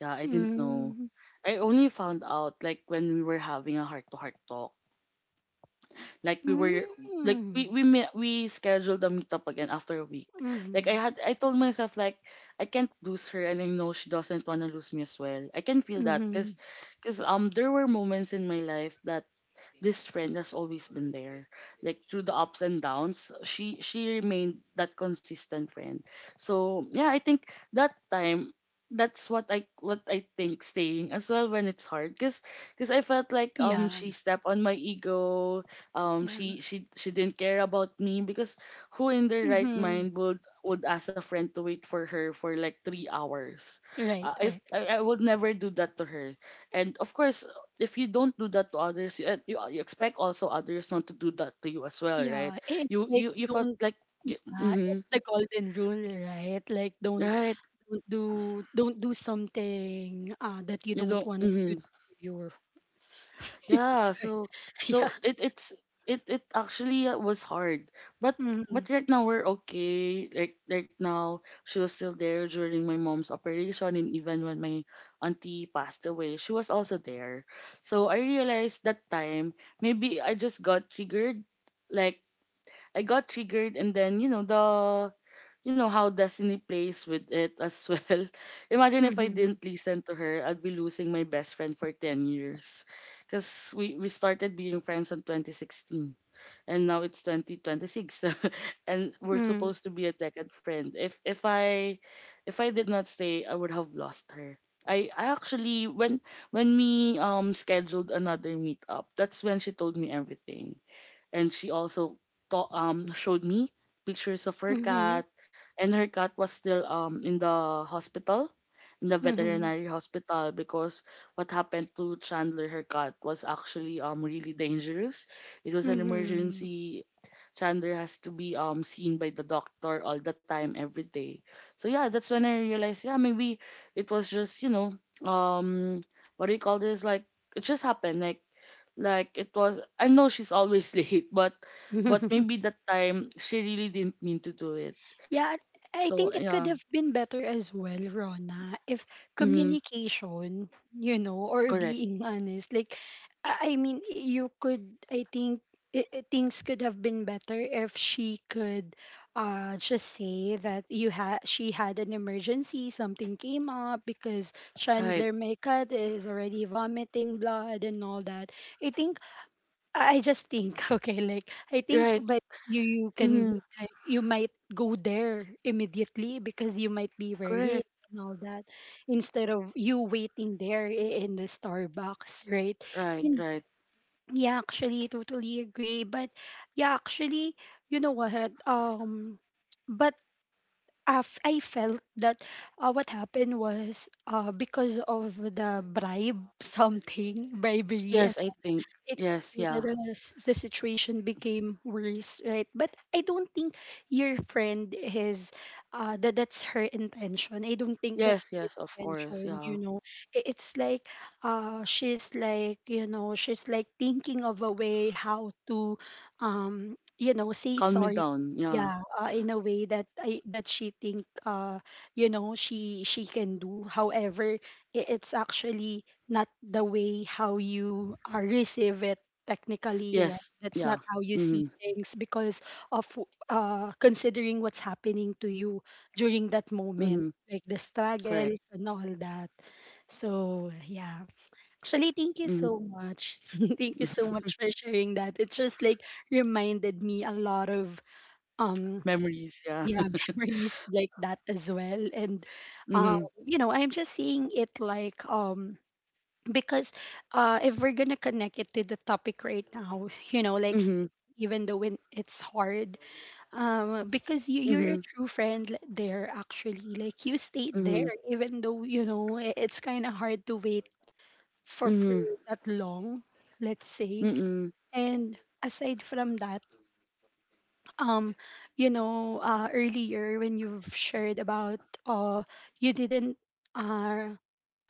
Speaker 2: Yeah, I didn't know.
Speaker 1: Mm.
Speaker 2: I only found out like when we were having a heart to heart talk. Like we were like
Speaker 1: Mm.
Speaker 2: we met, we scheduled a meetup again after a week. Like
Speaker 1: Mm.
Speaker 2: I told myself like I can't lose her, and I know she doesn't want to lose me as well. I can feel that,
Speaker 1: Mm-hmm.
Speaker 2: cuz there were moments in my life that this friend has always been there. Like through the ups and downs, she remained that consistent friend. So yeah, I think that time that's what I think staying as well when it's hard, because I felt like
Speaker 1: Yeah.
Speaker 2: she stepped on my ego,
Speaker 1: Yeah.
Speaker 2: she didn't care about me. Because who in their right
Speaker 1: Mm-hmm.
Speaker 2: mind would ask a friend to wait for her for like 3 hours?
Speaker 1: Right.
Speaker 2: If
Speaker 1: Right.
Speaker 2: I, I would never do that to her. And of course, if you don't do that to others, you expect also others not to do that to you as well, right?
Speaker 1: Yeah. It's
Speaker 2: You
Speaker 1: like,
Speaker 2: you you felt
Speaker 1: don't.
Speaker 2: like you,
Speaker 1: Yeah.
Speaker 2: hmm,
Speaker 1: It's the golden rule, right? Like,
Speaker 2: right?
Speaker 1: don't do don't do something, that you
Speaker 2: You
Speaker 1: don't
Speaker 2: don't.
Speaker 1: want it to
Speaker 2: Hmm.
Speaker 1: do to your. It's
Speaker 2: Yeah.
Speaker 1: like,
Speaker 2: So
Speaker 1: yeah.
Speaker 2: so it it's it it actually was hard, but
Speaker 1: Mm-hmm.
Speaker 2: but right now we're okay. Like right now, she was still there during my mom's operation, and even when my auntie passed away, she was also there. So I realized that time maybe I just got triggered, like I got triggered. And then you know the you know how destiny plays with it as well. Imagine if I
Speaker 1: Mhm.
Speaker 2: didn't listen to her, I'd be losing my best friend for 10 years. Cuz we started being friends in 2016, and now it's 2026 and we're
Speaker 1: Mm.
Speaker 2: supposed to be a decade friend. If I did not stay, I would have lost her. I actually, when we scheduled another meetup, that's when she told me everything. And she also showed me pictures of her
Speaker 1: Mhm.
Speaker 2: cat, and her cat was still in the hospital, in the
Speaker 1: Mhm.
Speaker 2: veterinary hospital. Because what happened to Chandler, her cat, was actually really dangerous. It was an
Speaker 1: Mhm.
Speaker 2: emergency. Chandler has to be seen by the doctor all the time, every day. So yeah, that's when I realized, yeah, maybe it was just, you know, um, what do you call this, like it just happened. Like it was— I know she's always late, but maybe that time she really didn't mean to do it.
Speaker 1: Yeah, I
Speaker 2: So
Speaker 1: think it
Speaker 2: yeah.
Speaker 1: could have been better as well, Rona, if
Speaker 2: Mm,
Speaker 1: communication, or
Speaker 2: correct.
Speaker 1: being honest. Like, I mean, you could, I think, things could have been better if she could just say that, you had she had an emergency, something came up because
Speaker 2: Right.
Speaker 1: Chandler Maycutt is already vomiting blood and all that. I think, I just think, okay, like, I think,
Speaker 2: Right.
Speaker 1: but you can,
Speaker 2: Mm,
Speaker 1: like, you might go there immediately because you might be
Speaker 2: correct.
Speaker 1: worried and all that, instead of you waiting there in the Starbucks, right?
Speaker 2: Right,
Speaker 1: And
Speaker 2: right.
Speaker 1: yeah, actually, totally agree. But yeah, actually, you know what? But I felt that what happened was because of the bribe something bribery
Speaker 2: Yes,
Speaker 1: it
Speaker 2: I think. Yes, yeah.
Speaker 1: the s- the situation became worse, right? But I don't think your friend is that that's her intention. I don't think that's
Speaker 2: Yes, yes, of
Speaker 1: her
Speaker 2: course.
Speaker 1: intention,
Speaker 2: Yeah.
Speaker 1: you know. It's like she's like, you know, she's like thinking of a way how to you know, say
Speaker 2: Calm me
Speaker 1: sorry,
Speaker 2: down. Yeah.
Speaker 1: yeah, in a way that I that she think, you know, she can do however. It's actually not the way how you receive it technically, right?
Speaker 2: Yes.
Speaker 1: That's
Speaker 2: Yeah.
Speaker 1: not how you see
Speaker 2: Mm,
Speaker 1: things because of considering what's happening to you during that
Speaker 2: mm,
Speaker 1: moment, like the
Speaker 2: correct.
Speaker 1: struggles and all that. So yeah, actually thank you
Speaker 2: Mm,
Speaker 1: so much, thank you so much for sharing that. It just like reminded me a lot of um
Speaker 2: memories. Yeah.
Speaker 1: yeah, memories like that as well. And um
Speaker 2: Mm,
Speaker 1: you know, I'm just seeing it like, um, because if we're gonna connect it to the topic right now, you know, like
Speaker 2: mm,
Speaker 1: even though when it's hard, because you're a
Speaker 2: mm,
Speaker 1: true friend there actually, like you stayed
Speaker 2: mm,
Speaker 1: there even though, you know, it's kind of hard to wait
Speaker 2: mm,
Speaker 1: for
Speaker 2: mm,
Speaker 1: that long, let's
Speaker 2: mm,
Speaker 1: say.
Speaker 2: mm,
Speaker 1: And aside from that, um, you know, earlier when you've shared about, uh, you didn't uh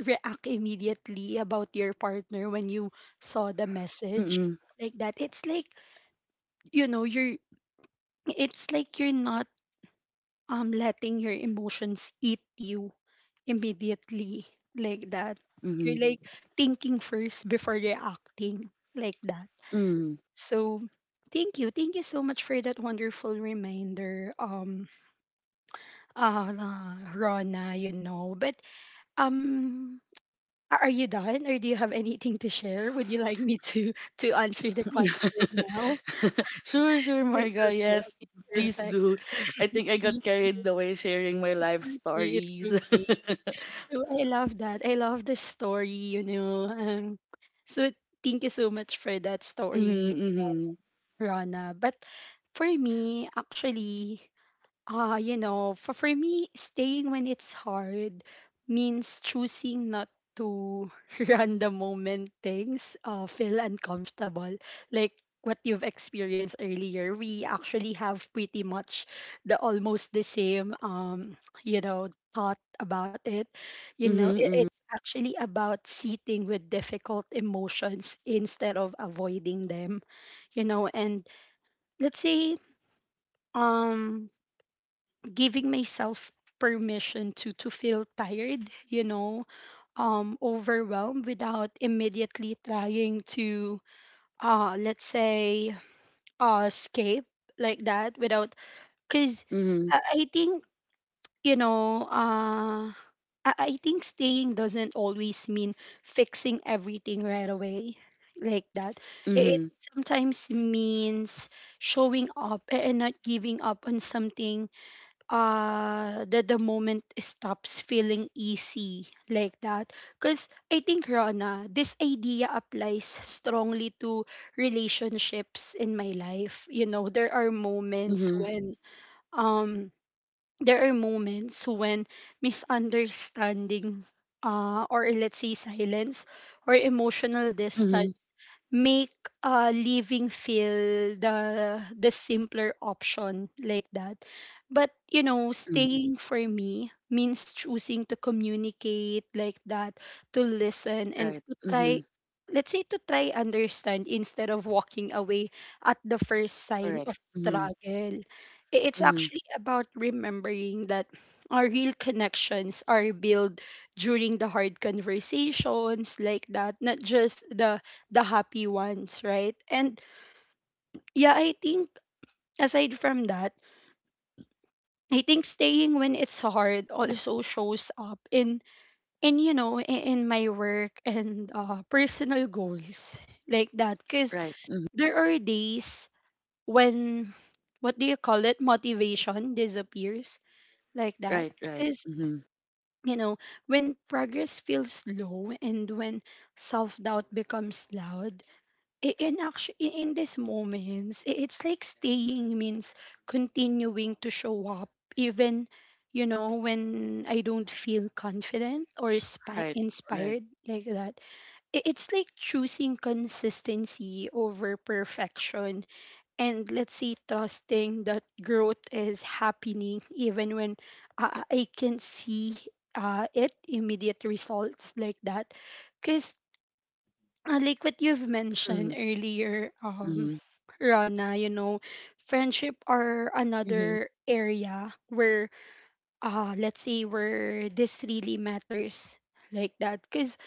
Speaker 1: react immediately about your partner when you saw the message
Speaker 2: mm,
Speaker 1: like that, it's like, you know, you're, it's like you're not letting your emotions eat you immediately like that. You're
Speaker 2: mm,
Speaker 1: like thinking first before reacting like that.
Speaker 2: mm.
Speaker 1: So thank you, thank you so much for that wonderful reminder, Rona, you know. But um, are you done, or do you have anything to share? Would you like me to answer the question now?
Speaker 2: Sure, sure, Marga.
Speaker 1: Okay,
Speaker 2: Yes,
Speaker 1: okay,
Speaker 2: please
Speaker 1: perfect.
Speaker 2: do. I think I got
Speaker 1: It's
Speaker 2: carried away sharing my life
Speaker 1: okay, it's
Speaker 2: stories.
Speaker 1: okay. So I love that. I love the story, you know. So thank you so much for that story,
Speaker 2: Mm-hmm, mm-hmm,
Speaker 1: Rana. But for me, actually, ah, you know, for me, staying when it's hard means choosing not to run the moment things feel uncomfortable. Like what you've experienced earlier, we actually have pretty much the almost the same, you know, thought about it. You know, it,
Speaker 2: mm-hmm,
Speaker 1: it's actually about sitting with difficult emotions instead of avoiding them, you know. And let's say, um, giving myself permission to feel tired, you know, um, overwhelmed without immediately trying to let's say escape like that, without, because
Speaker 2: mm-hmm,
Speaker 1: I think, you know, I think staying doesn't always mean fixing everything right away like that. It
Speaker 2: mm-hmm,
Speaker 1: sometimes means showing up and not giving up on something that the moment stops feeling easy like that, because I think, Rona, this idea applies strongly to relationships in my life. You know, there are moments
Speaker 2: mm-hmm,
Speaker 1: when um there are moments when misunderstanding, or let's say silence, or emotional distance
Speaker 2: mm-hmm,
Speaker 1: make leaving feel the simpler option like that. But you know,
Speaker 2: mm-hmm.
Speaker 1: staying for me means choosing to communicate like that, to listen, and
Speaker 2: Right.
Speaker 1: to
Speaker 2: Mm-hmm.
Speaker 1: try, let's say, to try understand instead of walking away at the first sign
Speaker 2: Correct.
Speaker 1: of
Speaker 2: Mm-hmm.
Speaker 1: struggle. It's
Speaker 2: Mm-hmm.
Speaker 1: actually about remembering that our real connections are built during the hard conversations like that, not just the happy ones, right? And yeah, I think, aside from that, I think staying when it's hard also shows up in you know, in my work and personal goals like that, because
Speaker 2: Right. Mm-hmm.
Speaker 1: there are days when, what do you call it, motivation disappears like
Speaker 2: Right.
Speaker 1: that.
Speaker 2: Right. Mm-hmm.
Speaker 1: You know, when progress feels slow and when self doubt becomes loud, in actually in these moments, it's like staying means continuing to show up, even, you know, when I don't feel confident or
Speaker 2: Right. Right.
Speaker 1: inspired like that. It's like choosing consistency over perfection, and let's see, trusting that growth is happening even when I can see it immediate results like that, because like what you've mentioned
Speaker 2: Mm-hmm.
Speaker 1: earlier,
Speaker 2: Mm-hmm.
Speaker 1: Rana, you know, friendship are
Speaker 2: Mm-hmm.
Speaker 1: another area where let's say where this really matters like that. Cause,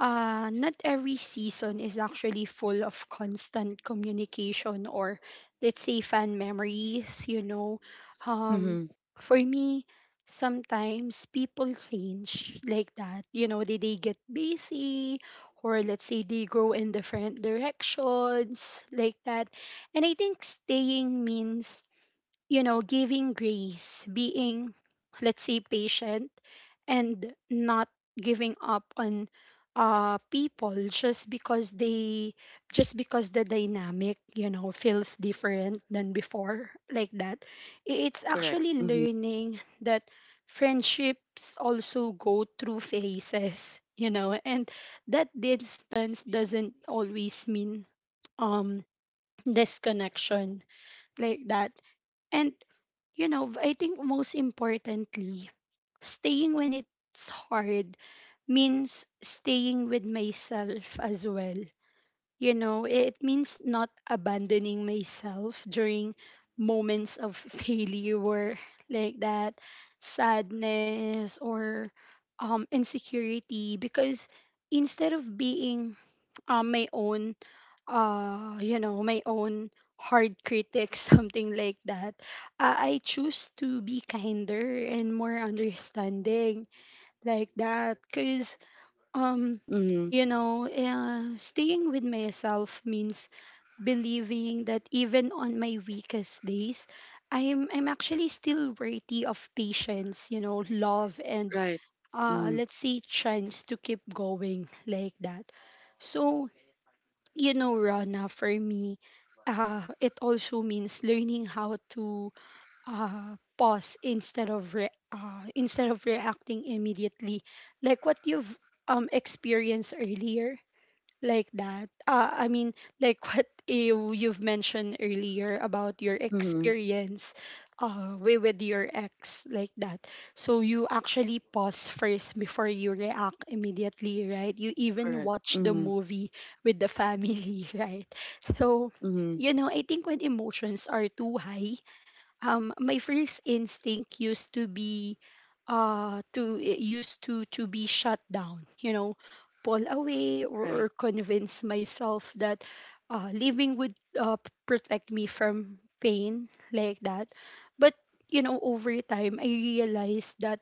Speaker 1: uh, not every season is actually full of constant communication or, let's say, fan memories, you know. Um,
Speaker 2: Mm-hmm.
Speaker 1: for me, sometimes people change like that. You know, they get busy, or let's say they go in different directions like that. And I think staying means, you know, giving grace, being, let's say, patient, and not giving up on people just because they, just because the dynamic, you know, feels different than before like that. It's
Speaker 2: Correct.
Speaker 1: actually
Speaker 2: Mm-hmm.
Speaker 1: learning that friendships also go through phases, you know, and that distance doesn't always mean um disconnection like that. And you know, I think most importantly, staying when it's hard means staying with myself as well. You know, it means not abandoning myself during moments of failure or, like that, sadness, or insecurity, because instead of being my own you know, my own hard critic, something like that, I choose to be kinder and more understanding like that. Because, um,
Speaker 2: Mm-hmm.
Speaker 1: you know, staying with myself means believing that even on my weakest days, I'm actually still worthy of patience, you know, love, and
Speaker 2: Right. Mm-hmm.
Speaker 1: let's see, chance to keep going, like that. So, you know, Rana, for me, it also means learning how to pause instead of instead of reacting immediately like what you've experienced earlier like that. I mean, like what you've mentioned earlier about your
Speaker 2: Mm-hmm.
Speaker 1: experience with your ex, like that. So you actually pause first before you react immediately, right? You even
Speaker 2: Correct.
Speaker 1: watch the
Speaker 2: Mm-hmm.
Speaker 1: movie with the family, right? So,
Speaker 2: Mm-hmm.
Speaker 1: you know, I think when emotions are too high, my first instinct used to be to it used to be shut down, you know, pull away,
Speaker 2: Right.
Speaker 1: or convince myself that living would protect me from pain like that. But you know, over time I realized that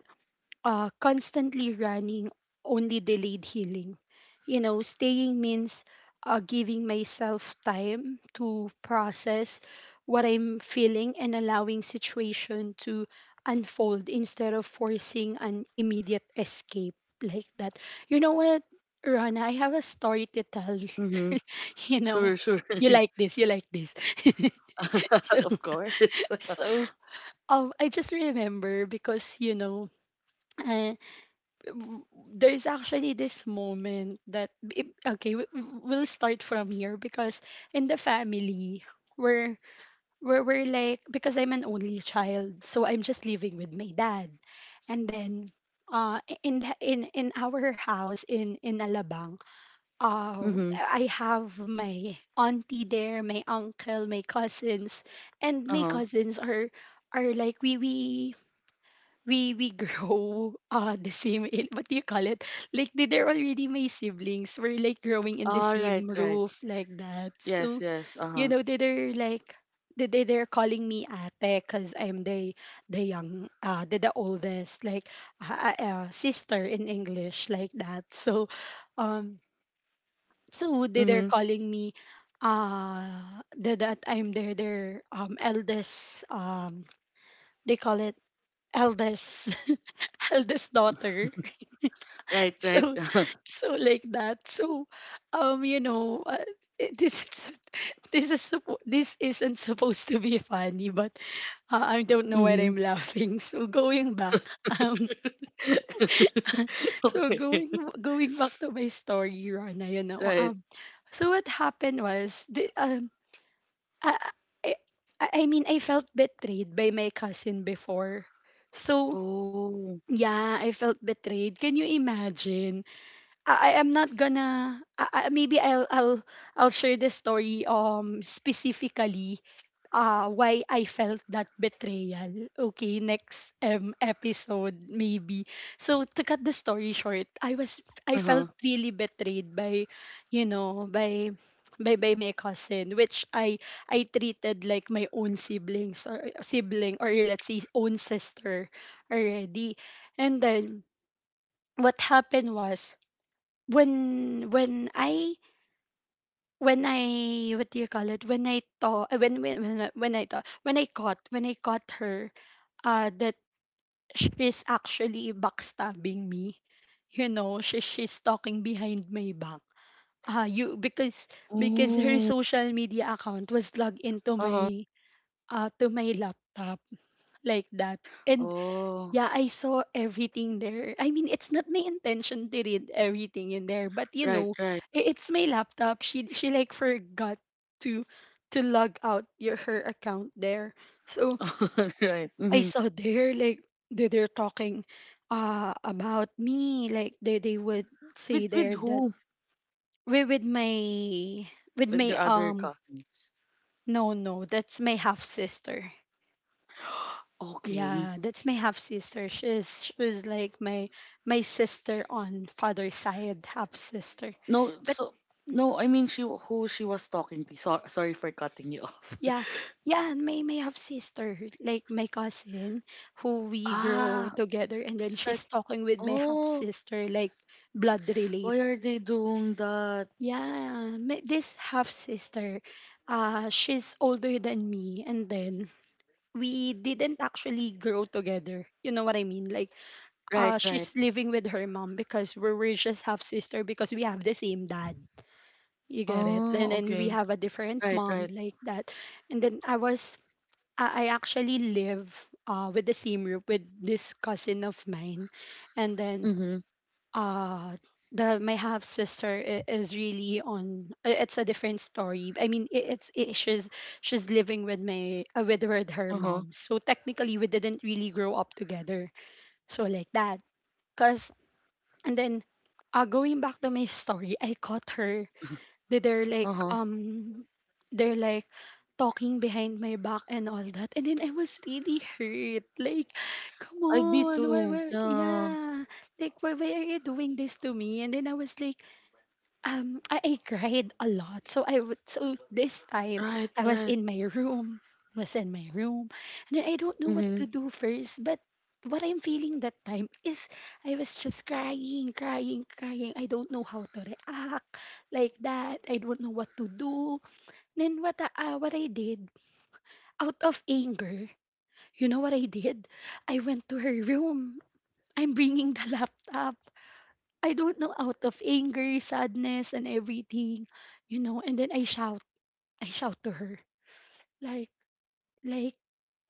Speaker 1: constantly running only delayed healing. You know, staying means giving myself time to process what I'm feeling and allowing situation to unfold instead of forcing an immediate escape like that. You know what, Rana, I have a story to tell.
Speaker 2: Mm-hmm.
Speaker 1: You
Speaker 2: Sure.
Speaker 1: know,
Speaker 2: Sure.
Speaker 1: you like this, you like this. So,
Speaker 2: Of course.
Speaker 1: so I just remember because you know, uh w- there's actually this moment that okay, we'll start from here, because in the family we're, we're like, because I'm an only child, so I'm just living with my dad. And then in the in our house in Alabang, uh
Speaker 2: Mm-hmm.
Speaker 1: I have my auntie there, my uncle, my cousins. And my
Speaker 2: Uh-huh.
Speaker 1: cousins are like, we grow the same, in, what do you call it, like, they, they're already my siblings. We're like growing in the
Speaker 2: All right,
Speaker 1: same
Speaker 2: right.
Speaker 1: roof like that.
Speaker 2: Yes,
Speaker 1: So
Speaker 2: yes.
Speaker 1: you
Speaker 2: Uh-huh.
Speaker 1: know, they, they're like, they're calling me ate, because I'm the young, the oldest, like, sister in English like that. So um, so they, they're
Speaker 2: Mm-hmm.
Speaker 1: calling me uh the, that I'm their eldest, um, they call it eldest, eldest daughter.
Speaker 2: Right, right.
Speaker 1: So, so like that. So um, you know, this is this is this isn't supposed to be funny, but I don't know why
Speaker 2: Mm-hmm.
Speaker 1: I'm laughing. So going back, um, so
Speaker 2: Okay.
Speaker 1: going, going back to my story, Rana, you know,
Speaker 2: Right.
Speaker 1: um, so what happened was the um, i i, I mean, I felt betrayed by my cousin before. So
Speaker 2: Oh.
Speaker 1: yeah, I felt betrayed. Can you imagine? I am not gonna, maybe I'll share the story, um, specifically why I felt that betrayal. Okay, next episode maybe. So to cut the story short, I was, I felt
Speaker 2: Uh-huh.
Speaker 1: really betrayed by, you know, by by my cousin, which I treated like my own siblings or sibling, or let's say own sister already. And then what happened was, when when I when I what do you call it, when I thought, when I thought when I caught her, that she's actually backstabbing me, you know, she's talking behind my back, you because her
Speaker 2: Oh.
Speaker 1: social media account was logged into
Speaker 2: Uh-huh.
Speaker 1: my to my laptop like that. And
Speaker 2: Oh.
Speaker 1: yeah, I saw everything there. I mean, it's not my intention to read everything in there, but you
Speaker 2: Right,
Speaker 1: know,
Speaker 2: right.
Speaker 1: it's my laptop. She like forgot to to log out your, her account there. So
Speaker 2: Right.
Speaker 1: I
Speaker 2: Mm-hmm.
Speaker 1: saw there, like, they're talking about me. Like they would say
Speaker 2: With
Speaker 1: there that,
Speaker 2: who?
Speaker 1: we with my, with
Speaker 2: With
Speaker 1: my
Speaker 2: your other
Speaker 1: um,
Speaker 2: cousins.
Speaker 1: no no, that's my half sister.
Speaker 2: Okay.
Speaker 1: Yeah, that's my half sister. She's like my sister on father's side, half sister.
Speaker 2: No,
Speaker 1: But
Speaker 2: so no, I mean she who she was talking to. So, sorry for cutting you off.
Speaker 1: yeah, yeah, and my half sister, like my cousin, who we grow
Speaker 2: Ah,
Speaker 1: together, and then
Speaker 2: it's like,
Speaker 1: she's talking with my half
Speaker 2: oh,
Speaker 1: sister, like blood related.
Speaker 2: why are they doing that?
Speaker 1: Yeah, my, this half sister, she's older than me, and then we didn't actually grow together. You know what I mean? Like,
Speaker 2: Right,
Speaker 1: uh,
Speaker 2: right.
Speaker 1: she's living with her mom because we're, we just half sister because we have the same dad. You get it? And
Speaker 2: Oh,
Speaker 1: then we
Speaker 2: okay.
Speaker 1: have a different
Speaker 2: Right,
Speaker 1: mom
Speaker 2: right.
Speaker 1: like that. And then I was, I actually live with the same group with this cousin of mine. And then
Speaker 2: Mm-hmm.
Speaker 1: uh, the, my half sister is really on. It's a different story. I mean, I it's it. she's living with my with her
Speaker 2: Uh-huh.
Speaker 1: mom. So technically, we didn't really grow up together. So like that. Cause and then going back to my story, I caught her. they- they're like
Speaker 2: Uh-huh.
Speaker 1: um they're like talking behind my back and all that, and then I was really hurt. Like, come
Speaker 2: I'd be
Speaker 1: on, why
Speaker 2: too.
Speaker 1: were,
Speaker 2: Yeah.
Speaker 1: yeah, like why are you doing this to me? And then I was like, I cried a lot. So I would, so this time
Speaker 2: Right,
Speaker 1: I was
Speaker 2: right.
Speaker 1: in my room, was in my room, and then I don't know what
Speaker 2: Mm-hmm.
Speaker 1: to do first. But what I'm feeling that time is I was just crying, crying, crying. I don't know how to react like that. I don't know what to do. Then what I did out of anger, you know what I did? I went to her room. I'm bringing the laptop. I don't know, out of anger, sadness, and everything, you know. And then I shout to her, like, like,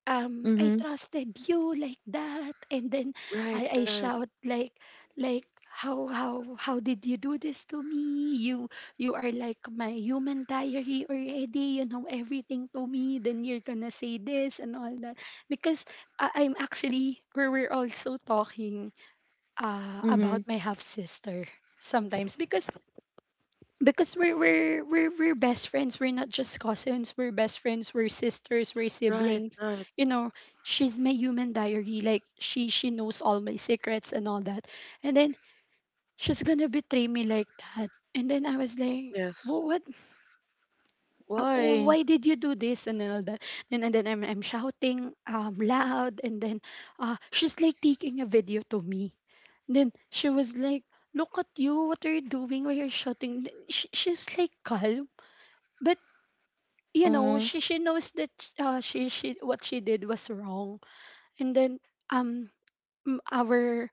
Speaker 1: I
Speaker 2: Mm-hmm.
Speaker 1: trusted you like that. And then
Speaker 2: Right,
Speaker 1: I
Speaker 2: right.
Speaker 1: shout like, how did you do this to me? You are like my human diary already. You know everything to me. Then you're gonna say this and all that because I, I'm actually we we're also talking
Speaker 2: Mm-hmm.
Speaker 1: about my half sister sometimes because we're best friends. We're not just cousins. We're best friends. We're sisters. We're
Speaker 2: Right,
Speaker 1: siblings.
Speaker 2: right.
Speaker 1: You know, she's my human diary. Like she knows all my secrets and all that. And then she's gonna betray me like that. And then I was like, "
Speaker 2: Yes.
Speaker 1: What? Oh,
Speaker 2: Why?
Speaker 1: why did you do this and then all that? And then I'm shouting loud. And then she's like taking a video to me. And then she was like, look at you, what are you doing? Why are you shouting? She's like calm, but you know
Speaker 2: Uh-huh.
Speaker 1: she knows that, she what she did was wrong. And then um m- our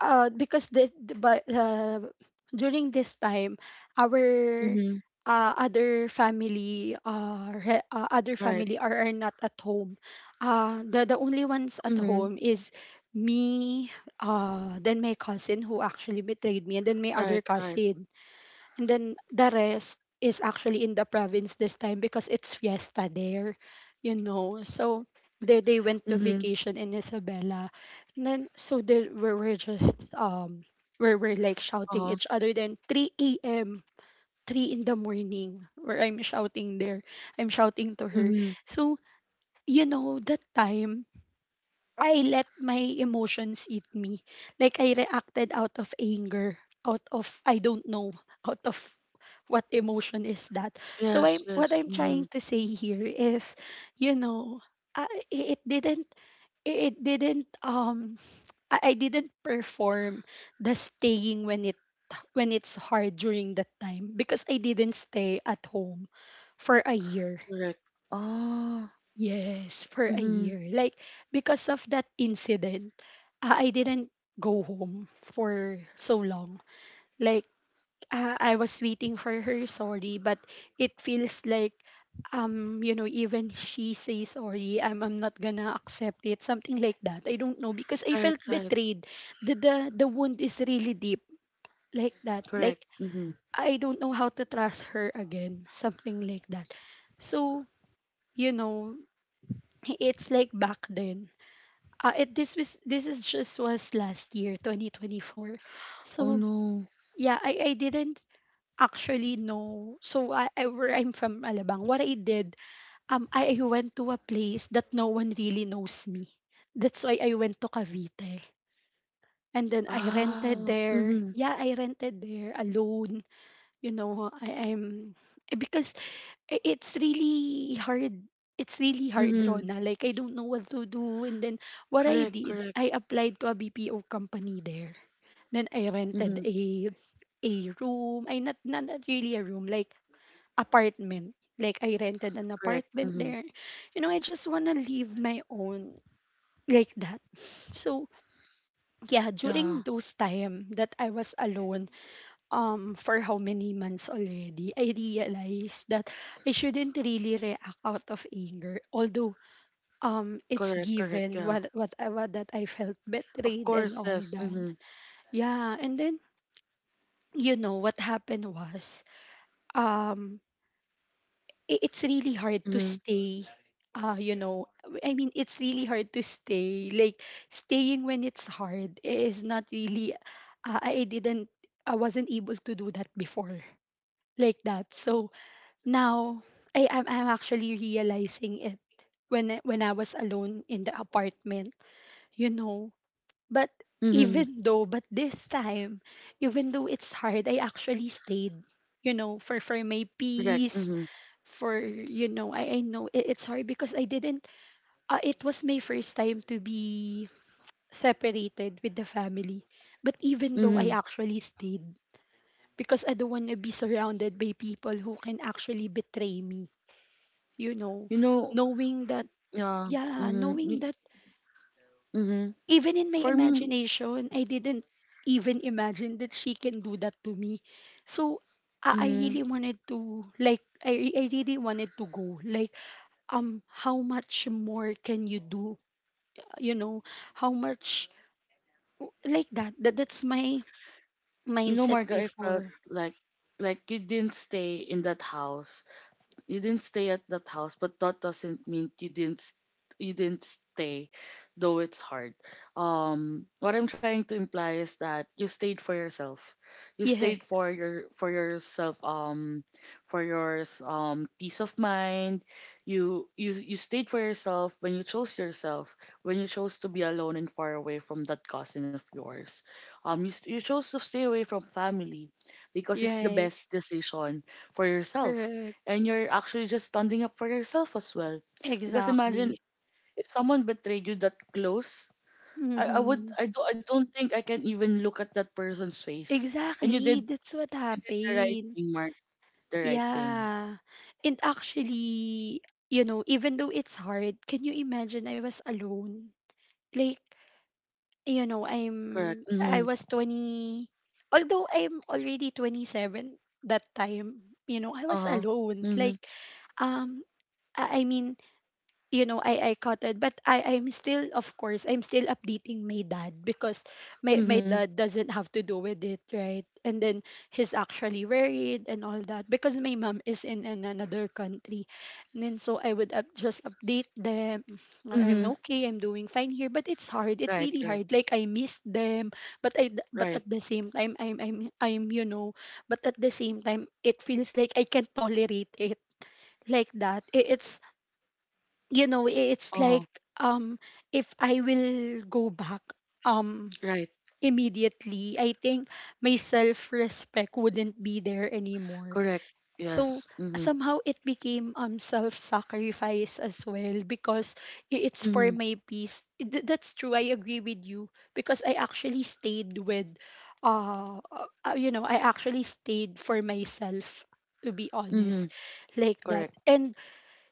Speaker 1: because the- but During this time, our
Speaker 2: Mm-hmm.
Speaker 1: other family, other
Speaker 2: Right.
Speaker 1: family are not at home. The only ones at
Speaker 2: Mm-hmm.
Speaker 1: home is me, then my cousin who actually betrayed me, and then my other
Speaker 2: Right, right.
Speaker 1: cousin. And then the rest is actually in the province this time because it's fiesta there, you know. So there they went to
Speaker 2: Mm-hmm.
Speaker 1: vacation in Isabela. And then so there we were just where we're like shouting
Speaker 2: Uh-huh.
Speaker 1: each other, then 3 a.m. 3 in the morning where I'm shouting there. I'm shouting to her.
Speaker 2: Mm-hmm.
Speaker 1: So, you know, that time I let my emotions eat me. Like I reacted out of anger, out of, I don't know, out of what emotion is that. So I
Speaker 2: Yes,
Speaker 1: am, what
Speaker 2: yes.
Speaker 1: I'm
Speaker 2: Mm-hmm.
Speaker 1: trying to say here is, you know, it didn't, it didn't um I didn't perform the staying when it when it's hard during that time, because I didn't stay at home for a year.
Speaker 2: Correct. Ah.
Speaker 1: Yes, for a
Speaker 2: Mm-hmm.
Speaker 1: year. Like, because of that incident, I didn't go home for so long. Like, I was waiting for her sorry, but it feels like, you know, even she says sorry, I'm not gonna accept it, something like that. I don't know, because I
Speaker 2: Right,
Speaker 1: felt
Speaker 2: right.
Speaker 1: betrayed. The the the wound is really deep, like that.
Speaker 2: Correct.
Speaker 1: Like,
Speaker 2: Mm-hmm.
Speaker 1: I don't know how to trust her again, something like that. So, you know, it's like back then. It this was this is just was last year, 2024.
Speaker 2: Oh
Speaker 1: So
Speaker 2: no.
Speaker 1: yeah, I didn't actually know. So I, where I'm from Alabang. What I did, I went to a place that no one really knows me. That's why I went to Cavite. And then I rented
Speaker 2: Ah.
Speaker 1: there.
Speaker 2: Mm-hmm.
Speaker 1: Yeah, I rented there alone. You know, I'm because it's really hard. It's really hard,
Speaker 2: Mm-hmm.
Speaker 1: Rona. Like, I don't know what to do. And then, what I
Speaker 2: Correct,
Speaker 1: did,
Speaker 2: correct.
Speaker 1: I applied to a BPO company there. Then, I rented
Speaker 2: Mm-hmm.
Speaker 1: a room. I, not, not, not really a room, like apartment. Like, I rented an
Speaker 2: Correct.
Speaker 1: apartment
Speaker 2: Mm-hmm.
Speaker 1: there. You know, I just want to live my own like that. So, yeah,
Speaker 2: Yeah.
Speaker 1: during those time that I was alone, for how many months already, I realized that I shouldn't really react out of anger. Although, it's
Speaker 2: Correct, correct.
Speaker 1: given
Speaker 2: Yeah.
Speaker 1: what that I felt
Speaker 2: Of
Speaker 1: betrayed
Speaker 2: course,
Speaker 1: and all
Speaker 2: yes. Mm-hmm.
Speaker 1: that. Yeah, and then you know what happened was, um, it's really hard to
Speaker 2: Mm-hmm.
Speaker 1: stay. You know, I mean, it's really hard to stay. Like, staying when it's hard is not really. I didn't. I wasn't able to do that before like that. So now, I'm actually realizing it when when I was alone in the apartment, you know. But
Speaker 2: Mm-hmm.
Speaker 1: even though, but this time, even though it's hard, I actually stayed, you know, for my
Speaker 2: Correct.
Speaker 1: peace,
Speaker 2: Mm-hmm.
Speaker 1: for, you know, I know it's hard because I didn't. It was my first time to be separated with the family. But even though
Speaker 2: Mm-hmm.
Speaker 1: I actually stayed, because I don't want to be surrounded by people who can actually betray me, you know,
Speaker 2: You know,
Speaker 1: knowing that,
Speaker 2: yeah.
Speaker 1: yeah, knowing
Speaker 2: Mm-hmm.
Speaker 1: that
Speaker 2: Mm-hmm.
Speaker 1: even in my
Speaker 2: For me,
Speaker 1: imagination, I didn't even imagine that she can do that to me. So I
Speaker 2: mm-hmm.
Speaker 1: really wanted to, like, I really wanted to go. Like, how much more can you do? You know, how much, like that. That's my
Speaker 2: You know,
Speaker 1: mindset
Speaker 2: Marga, I felt
Speaker 1: before.
Speaker 2: like you didn't stay in that house. You didn't stay at that house, but that doesn't mean you didn't stay, though it's hard. What I'm trying to imply is that you stayed for yourself. You stayed for
Speaker 1: Yes.
Speaker 2: your for yourself. Peace of mind. You stayed for yourself when you chose yourself. When you chose to be alone and far away from that cousin of yours. You chose to stay away from family because it's the
Speaker 1: Right.
Speaker 2: best decision for yourself,
Speaker 1: Correct.
Speaker 2: and you're actually just standing up for yourself as well. Because imagine
Speaker 1: Exactly.
Speaker 2: if someone betrayed you that close, I, I would
Speaker 1: Mm-hmm.
Speaker 2: I do I don't think I can even look at that person's face. And you
Speaker 1: Exactly.
Speaker 2: did
Speaker 1: That's what
Speaker 2: you did the right
Speaker 1: happened.
Speaker 2: thing, Mark. The right thing.
Speaker 1: Yeah. And actually, you know, even though it's hard, can you imagine I was alone? Like, you know,
Speaker 2: Correct. Mm-hmm.
Speaker 1: I was 20, although I'm already 27 that time, you know, I was
Speaker 2: Uh-huh.
Speaker 1: alone.
Speaker 2: Mm-hmm.
Speaker 1: Like, um I mean, you know, I caught it, but I'm still, of course I'm still updating my dad because my
Speaker 2: Mm-hmm.
Speaker 1: dad doesn't have to do with it, right? And then he's actually worried and all that because my mom is in, an another country. And then so I would just update them, "Oh, I'm
Speaker 2: Mm-hmm.
Speaker 1: okay, I'm doing fine here, but it's hard, it's
Speaker 2: Right,
Speaker 1: really
Speaker 2: right,
Speaker 1: hard, like I miss them, but but
Speaker 2: right.
Speaker 1: at the same time I'm, you know, but at the same time it feels like I can tolerate it like that. It's, you know, it's
Speaker 2: Uh-huh.
Speaker 1: like, um if I will go back, um
Speaker 2: Right.
Speaker 1: immediately, I think my self respect wouldn't be there anymore."
Speaker 2: Correct.
Speaker 1: So
Speaker 2: Yes. Mm-hmm.
Speaker 1: somehow it became, self sacrifice as well, because it's for
Speaker 2: Mm-hmm.
Speaker 1: my peace. That's true, I agree with you, because I actually stayed with, you know, I actually stayed for myself, to be
Speaker 2: Mm-hmm.
Speaker 1: honest, like that.
Speaker 2: Correct.
Speaker 1: And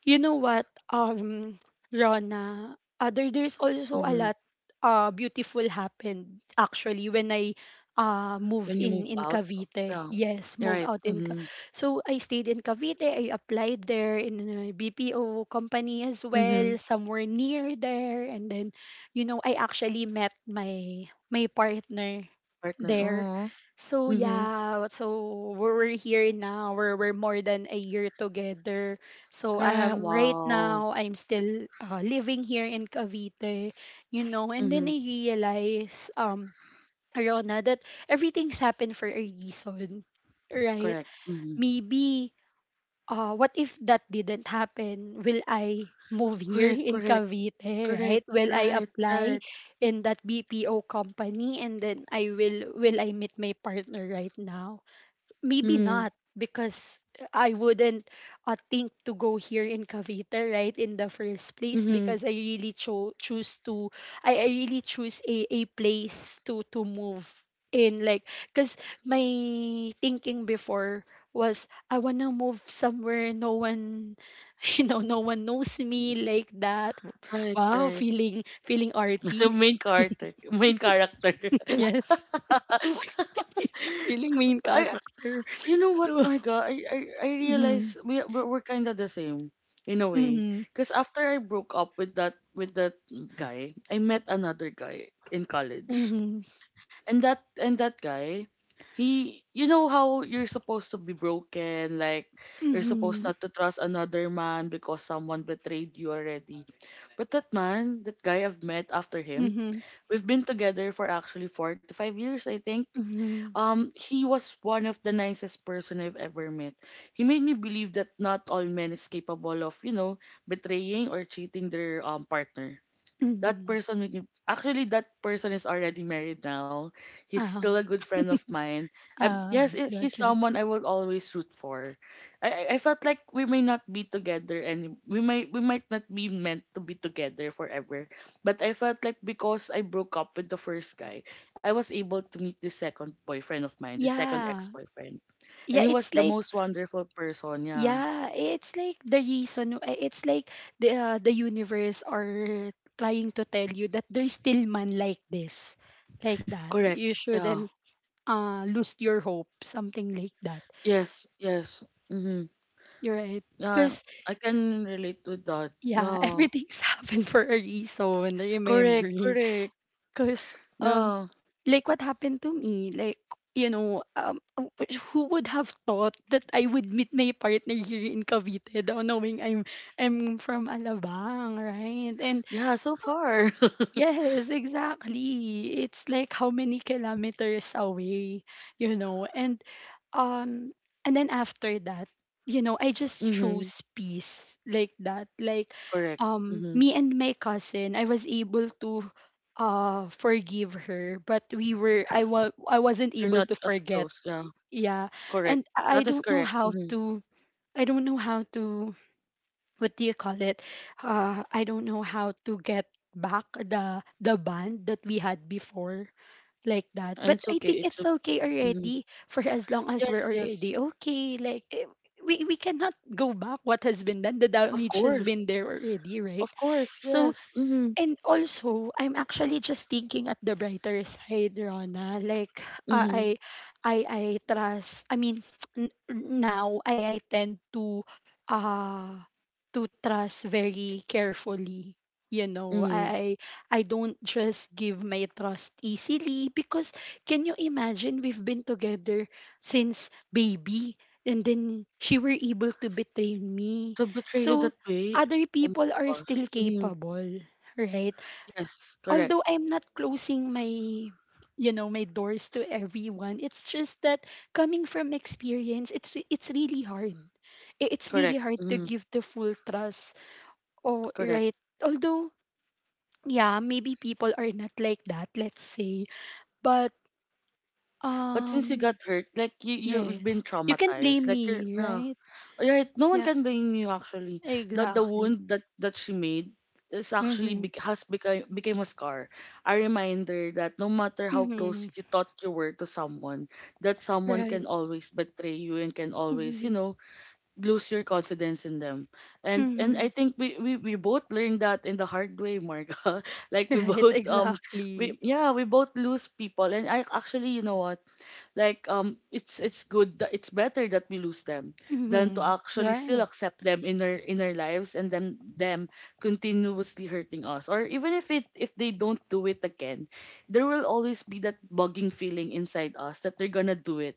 Speaker 1: you know what, Rona, there's also a
Speaker 2: Mm-hmm.
Speaker 1: lot, beautiful happened actually when I, move
Speaker 2: When you move
Speaker 1: in
Speaker 2: out.
Speaker 1: Cavite.
Speaker 2: Yeah.
Speaker 1: Yes, move
Speaker 2: Right.
Speaker 1: out in. Ca-
Speaker 2: Mm-hmm.
Speaker 1: So I stayed in Cavite. I applied there in a BPO company as
Speaker 2: Mm-hmm.
Speaker 1: well, somewhere near there. And then, you know, I actually met my partner
Speaker 2: Partner.
Speaker 1: there.
Speaker 2: Oh.
Speaker 1: So
Speaker 2: Mm-hmm.
Speaker 1: yeah, so we're here now. We're more than a year together. So
Speaker 2: Right.
Speaker 1: right
Speaker 2: Wow.
Speaker 1: now I'm still living here in Cavite, you know, and then
Speaker 2: Mm-hmm.
Speaker 1: I realize Rona that everything's happened for a reason, right?
Speaker 2: Correct. Mm-hmm.
Speaker 1: Maybe, what if that didn't happen? Will I move here
Speaker 2: Correct.
Speaker 1: in
Speaker 2: Correct.
Speaker 1: Cavite, right?
Speaker 2: Correct.
Speaker 1: Will I
Speaker 2: Right.
Speaker 1: apply
Speaker 2: Right.
Speaker 1: in that BPO company, and then I will I meet my partner right now? Maybe
Speaker 2: Mm-hmm.
Speaker 1: not, because I wouldn't, think to go here in Cavite right in the first place,
Speaker 2: Mm-hmm.
Speaker 1: because I really choose to, I really choose a place to move in. Like, because my thinking before was I wanna move somewhere no one you know, no one knows me like that.
Speaker 2: Right.
Speaker 1: Wow,
Speaker 2: Right.
Speaker 1: feeling, feeling artist.
Speaker 2: Main character. Main character.
Speaker 1: Yes, feeling main
Speaker 2: I.
Speaker 1: character.
Speaker 2: You know what,
Speaker 1: So
Speaker 2: Marga? I
Speaker 1: mm-hmm,
Speaker 2: realize we're kind of the same in a way. Cause after I broke up with that guy, I met another guy in college.
Speaker 1: mm-hmm,
Speaker 2: And that guy, he you know how you're supposed to be broken, like you're supposed
Speaker 1: mhm,
Speaker 2: not to trust another man because someone betrayed you already. But that man, that guy I've met after him,
Speaker 1: mhm,
Speaker 2: we've been together for actually 4 to 5 years, I think.
Speaker 1: mhm,
Speaker 2: He was one of the nicest person I've ever met. He made me believe that not all men is capable of, betraying or cheating their partner. That
Speaker 1: mhm.
Speaker 2: person make me actually that person is already married now. He's still
Speaker 1: Oh.
Speaker 2: a good friend of mine. Um,
Speaker 1: Ah.
Speaker 2: yes,
Speaker 1: Okay,
Speaker 2: he's
Speaker 1: okay.
Speaker 2: someone I will always root for. I felt like we may not be together, and we might not be meant to be together forever. But I felt like because I broke up with the first guy, I was able to meet the second boyfriend of mine, the second
Speaker 1: Yeah.
Speaker 2: ex-boyfriend. And
Speaker 1: Yeah,
Speaker 2: he was
Speaker 1: it's
Speaker 2: the
Speaker 1: like,
Speaker 2: most wonderful person, yeah.
Speaker 1: yeah, it's like the reason, it's like the universe are trying to tell you that there's still man like this. Like that.
Speaker 2: Correct.
Speaker 1: You
Speaker 2: Yeah.
Speaker 1: shouldn't lose your hope, something like that.
Speaker 2: Yes, yes. Mhm.
Speaker 1: You're right.
Speaker 2: Yeah,
Speaker 1: Because
Speaker 2: I can relate to that.
Speaker 1: yeah,
Speaker 2: Yeah.
Speaker 1: everything's happened for a reason,
Speaker 2: Correct,
Speaker 1: remember.
Speaker 2: correct.
Speaker 1: Cause, um,
Speaker 2: Yeah.
Speaker 1: like what happened to me, like, you know, who would have thought that I would meet my partner here in Cavite, though knowing I'm from Alabang, right? And
Speaker 2: Yeah, so far.
Speaker 1: yes, exactly. It's like how many kilometers away, you know. Um and then after that, you know, I just
Speaker 2: Mm-hmm.
Speaker 1: chose peace like that. Like,
Speaker 2: Correct. Mm-hmm.
Speaker 1: me and my cousin, I was able to forgive her, but we were I wa- I wasn't
Speaker 2: You're
Speaker 1: able
Speaker 2: not
Speaker 1: to
Speaker 2: as
Speaker 1: forget.
Speaker 2: close. Yeah.
Speaker 1: Yeah.
Speaker 2: Correct.
Speaker 1: And I
Speaker 2: That is
Speaker 1: don't know
Speaker 2: correct.
Speaker 1: how
Speaker 2: Mm-hmm.
Speaker 1: to I don't know how to what do you call it I don't know how to get back the band that we had before like that.
Speaker 2: And
Speaker 1: But
Speaker 2: it's
Speaker 1: I
Speaker 2: okay.
Speaker 1: think
Speaker 2: It's
Speaker 1: it's okay
Speaker 2: okay. Mm-hmm.
Speaker 1: already, for as long as we're
Speaker 2: Yes, yes.
Speaker 1: already okay like eh, we cannot go back. What has been done, the
Speaker 2: Of
Speaker 1: damage has
Speaker 2: course.
Speaker 1: been there already, right?
Speaker 2: Of course.
Speaker 1: So
Speaker 2: Yes. Mm-hmm.
Speaker 1: and also, I'm actually just thinking at the brighter side, Rona. Like, uh,
Speaker 2: Mm-hmm.
Speaker 1: I, I trust. I mean, n- now I tend uh, to trust very carefully. You know,
Speaker 2: Mm-hmm.
Speaker 1: I don't just give my trust easily. Because can you imagine, we've been together since baby, and then she were able to betray me.
Speaker 2: To betray you
Speaker 1: So
Speaker 2: that way.
Speaker 1: other
Speaker 2: Oh my
Speaker 1: people are
Speaker 2: gosh.
Speaker 1: still
Speaker 2: Mm-hmm.
Speaker 1: capable. Right.
Speaker 2: Yes. Correct.
Speaker 1: Although I'm not closing my, you know, my doors to everyone, it's just that coming from experience, it's really hard. It's
Speaker 2: Correct.
Speaker 1: really hard to
Speaker 2: Mm-hmm.
Speaker 1: give the full trust. Oh,
Speaker 2: Correct.
Speaker 1: right. Although, yeah, maybe people are not like that, let's say. But
Speaker 2: But since you
Speaker 1: um,
Speaker 2: got hurt, like you've
Speaker 1: yes,
Speaker 2: been
Speaker 1: you can
Speaker 2: traumatized.
Speaker 1: blame
Speaker 2: Like you're,
Speaker 1: me,
Speaker 2: uh,
Speaker 1: right?
Speaker 2: Right, no one
Speaker 1: Yeah,
Speaker 2: can blame you actually. That the
Speaker 1: exactly.
Speaker 2: wound that she made is actually
Speaker 1: Mhm.
Speaker 2: bec has become became a scar, a reminder that no matter how
Speaker 1: Mhm.
Speaker 2: close you thought you were to someone, that someone
Speaker 1: Right.
Speaker 2: can always betray you and can always,
Speaker 1: Mhm.
Speaker 2: lose your confidence in them. and I
Speaker 1: Mhm.
Speaker 2: think we both learned that in the hard way, Marga. Like we
Speaker 1: Right.
Speaker 2: both we
Speaker 1: Exactly.
Speaker 2: yeah, we both lose people. And I actually, you know what, like it's good that it's better that we lose them than to
Speaker 1: Mhm.
Speaker 2: actually still
Speaker 1: Right.
Speaker 2: accept them in our lives, and then them continuously hurting us. Or even if they don't do it again, there will always be that bugging feeling inside us that they're gonna do it.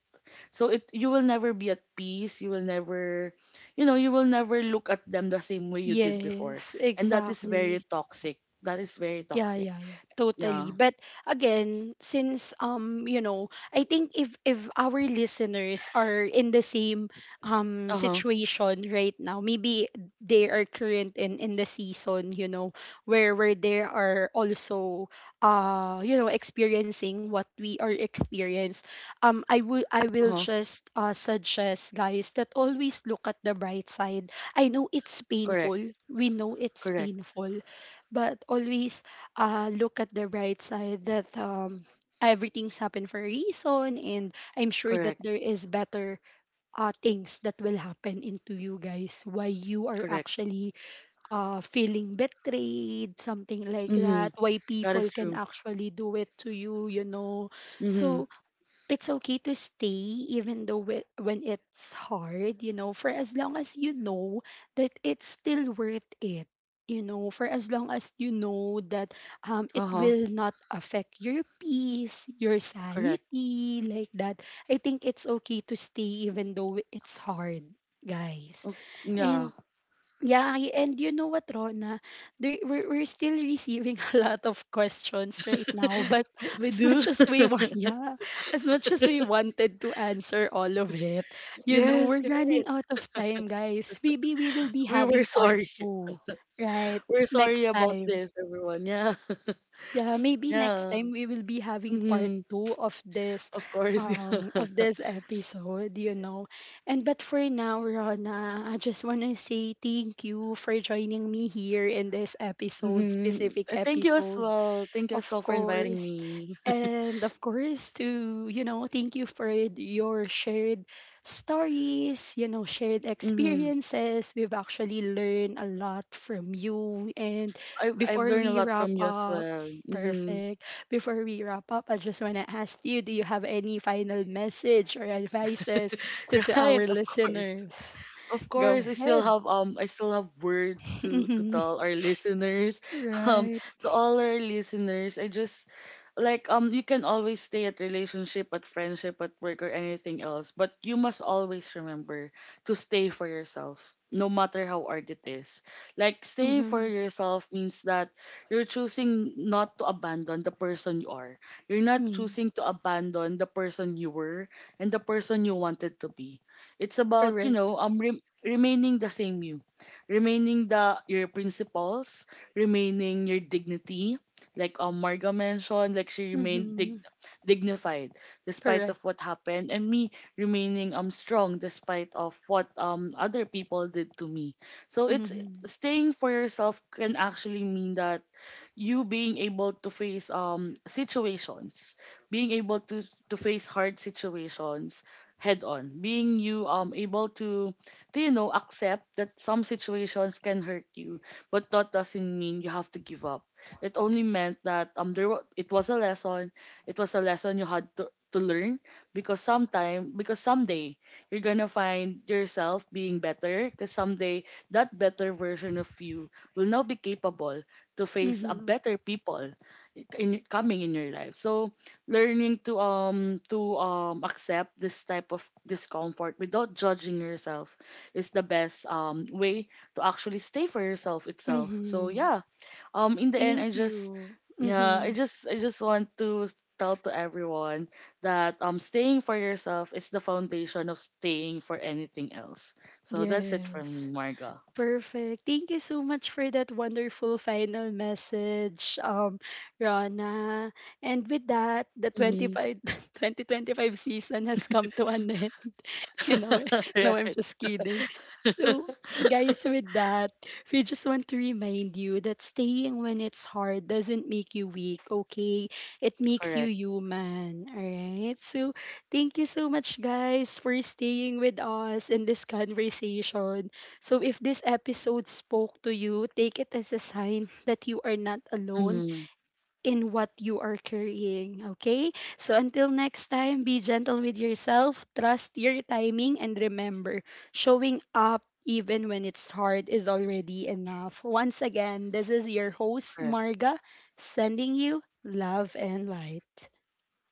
Speaker 2: So it you will never be at peace. You will never, you know, you will never look at them the same way you did before,
Speaker 1: Yes,
Speaker 2: and that is very
Speaker 1: exactly.
Speaker 2: toxic. That is very
Speaker 1: Yeah,
Speaker 2: toxic.
Speaker 1: yeah, yeah, totally.
Speaker 2: Yeah.
Speaker 1: But again, since you know, I think if our listeners are in the same
Speaker 2: Uh huh.
Speaker 1: situation right now, maybe they are current in the season, you know, where they are also you know, experiencing what we are experienced. I
Speaker 2: Uh
Speaker 1: will
Speaker 2: huh.
Speaker 1: just suggest, guys, that always look at the bright side. I know it's
Speaker 2: Correct.
Speaker 1: painful. We know it's
Speaker 2: Correct.
Speaker 1: painful, but always look at the bright side that everything's happened for a reason, and I'm sure that
Speaker 2: Correct.
Speaker 1: there is better things that will happen into you guys. Why you are
Speaker 2: Correct.
Speaker 1: actually feeling betrayed, something like
Speaker 2: Mhm.
Speaker 1: that. Why
Speaker 2: That
Speaker 1: people
Speaker 2: is
Speaker 1: can
Speaker 2: true.
Speaker 1: actually do it to you, you know.
Speaker 2: Mhm.
Speaker 1: So it's okay to stay even though when it's hard, you know, for as long as you know that it's still worth it, you know, for as long as you know that it
Speaker 2: Uh-huh.
Speaker 1: will not affect your peace, your
Speaker 2: Correct.
Speaker 1: sanity like that. I think it's okay to stay even though it's hard, guys.
Speaker 2: Oh, yeah.
Speaker 1: And yeah, and you know what, Rona? There, we're still receiving a lot of questions right now, but
Speaker 2: We
Speaker 1: as
Speaker 2: do.
Speaker 1: much as we want, yeah, as much as we wanted to answer all of it, you know,
Speaker 2: Yes,
Speaker 1: we're
Speaker 2: you're
Speaker 1: running
Speaker 2: right.
Speaker 1: out of time, guys. Maybe we will be
Speaker 2: We were
Speaker 1: having part
Speaker 2: sorry.
Speaker 1: two, right?
Speaker 2: We're sorry
Speaker 1: Next
Speaker 2: about
Speaker 1: time.
Speaker 2: this, everyone. Yeah.
Speaker 1: Yeah, maybe next
Speaker 2: Yeah.
Speaker 1: time we will be having part
Speaker 2: Mm-hmm.
Speaker 1: two
Speaker 2: Of course.
Speaker 1: of
Speaker 2: Yeah.
Speaker 1: this episode, you know. And but for now, Rona, I just wanna say thank you for joining me here in this episode,
Speaker 2: Mm-hmm.
Speaker 1: specific
Speaker 2: Thank you as
Speaker 1: episode.
Speaker 2: well. Thank you as
Speaker 1: Of
Speaker 2: well for inviting
Speaker 1: course.
Speaker 2: me.
Speaker 1: And of course, to, you know, thank you for your shared stories, you know, shared
Speaker 2: Mm-hmm.
Speaker 1: experiences. We've actually learned a lot from you. And
Speaker 2: I've
Speaker 1: before
Speaker 2: learned a
Speaker 1: we
Speaker 2: lot
Speaker 1: wrap
Speaker 2: from you as
Speaker 1: up,
Speaker 2: well. Mm-hmm.
Speaker 1: perfect. Before we wrap up, I just want to ask you, do you have any final message or advices to
Speaker 2: Right,
Speaker 1: our
Speaker 2: of course.
Speaker 1: listeners?
Speaker 2: Of
Speaker 1: Go
Speaker 2: course, I still
Speaker 1: ahead.
Speaker 2: have um I still have words to
Speaker 1: Mhm.
Speaker 2: tell our listeners. Um
Speaker 1: Right.
Speaker 2: to all our listeners, I just like, you can always stay at relationship, at friendship, at work, or anything else, but you must always remember to stay for yourself, no matter how hard it is. Like staying for
Speaker 1: Hmm.
Speaker 2: yourself means that you're choosing not to abandon the person you are. You're not
Speaker 1: Mm,
Speaker 2: choosing to abandon the person you were and the person you wanted to be. It's about
Speaker 1: correct.
Speaker 2: remaining the same you, remaining the your principles, remaining your dignity. Like, Marga mentioned, like she remained
Speaker 1: Mm-hmm.
Speaker 2: dignified despite of
Speaker 1: Correct.
Speaker 2: what happened, and me remaining strong despite of what other people did to me. So it's
Speaker 1: Mhm.
Speaker 2: staying for yourself can actually mean that you being able to face situations, being able to face hard situations head on, being you able to accept that some situations can hurt you, but that doesn't mean you have to give up. It only meant that it was a lesson, it was a lesson you had to learn, because sometime because someday you're gonna find yourself being better, because someday that better version of you will now be capable to face a
Speaker 1: Mhm.
Speaker 2: better people in coming in your life. So learning to accept this type of discomfort without judging yourself is the best way to actually stay for yourself itself. So
Speaker 1: Mhm.
Speaker 2: yeah, in the end
Speaker 1: Thank
Speaker 2: I just
Speaker 1: you.
Speaker 2: yeah, I
Speaker 1: Mhm.
Speaker 2: just I just want to tell to everyone that staying for yourself is the foundation of staying for anything else. So that's it from
Speaker 1: Yes.
Speaker 2: me, Marga.
Speaker 1: Perfect. Thank you so much for that wonderful final message, Rana. And with that, the twenty
Speaker 2: Mm-hmm.
Speaker 1: five 2025 season has come to an end. You know, no, I'm
Speaker 2: Right.
Speaker 1: just kidding. So, guys, with that, we just want to remind you that staying when it's hard doesn't make you weak, okay? It makes you
Speaker 2: Correct.
Speaker 1: human, all right? So, thank you so much, guys, for staying with us in this conversation. So, if this episode spoke to you, take it as a sign that you are not alone
Speaker 2: Mm,
Speaker 1: in what you are carrying. Okay? So until next time, be gentle with yourself, trust your timing, and remember showing up even when it's hard is already enough. Once again, this is your host,
Speaker 2: correct.
Speaker 1: Marga, sending you love and light.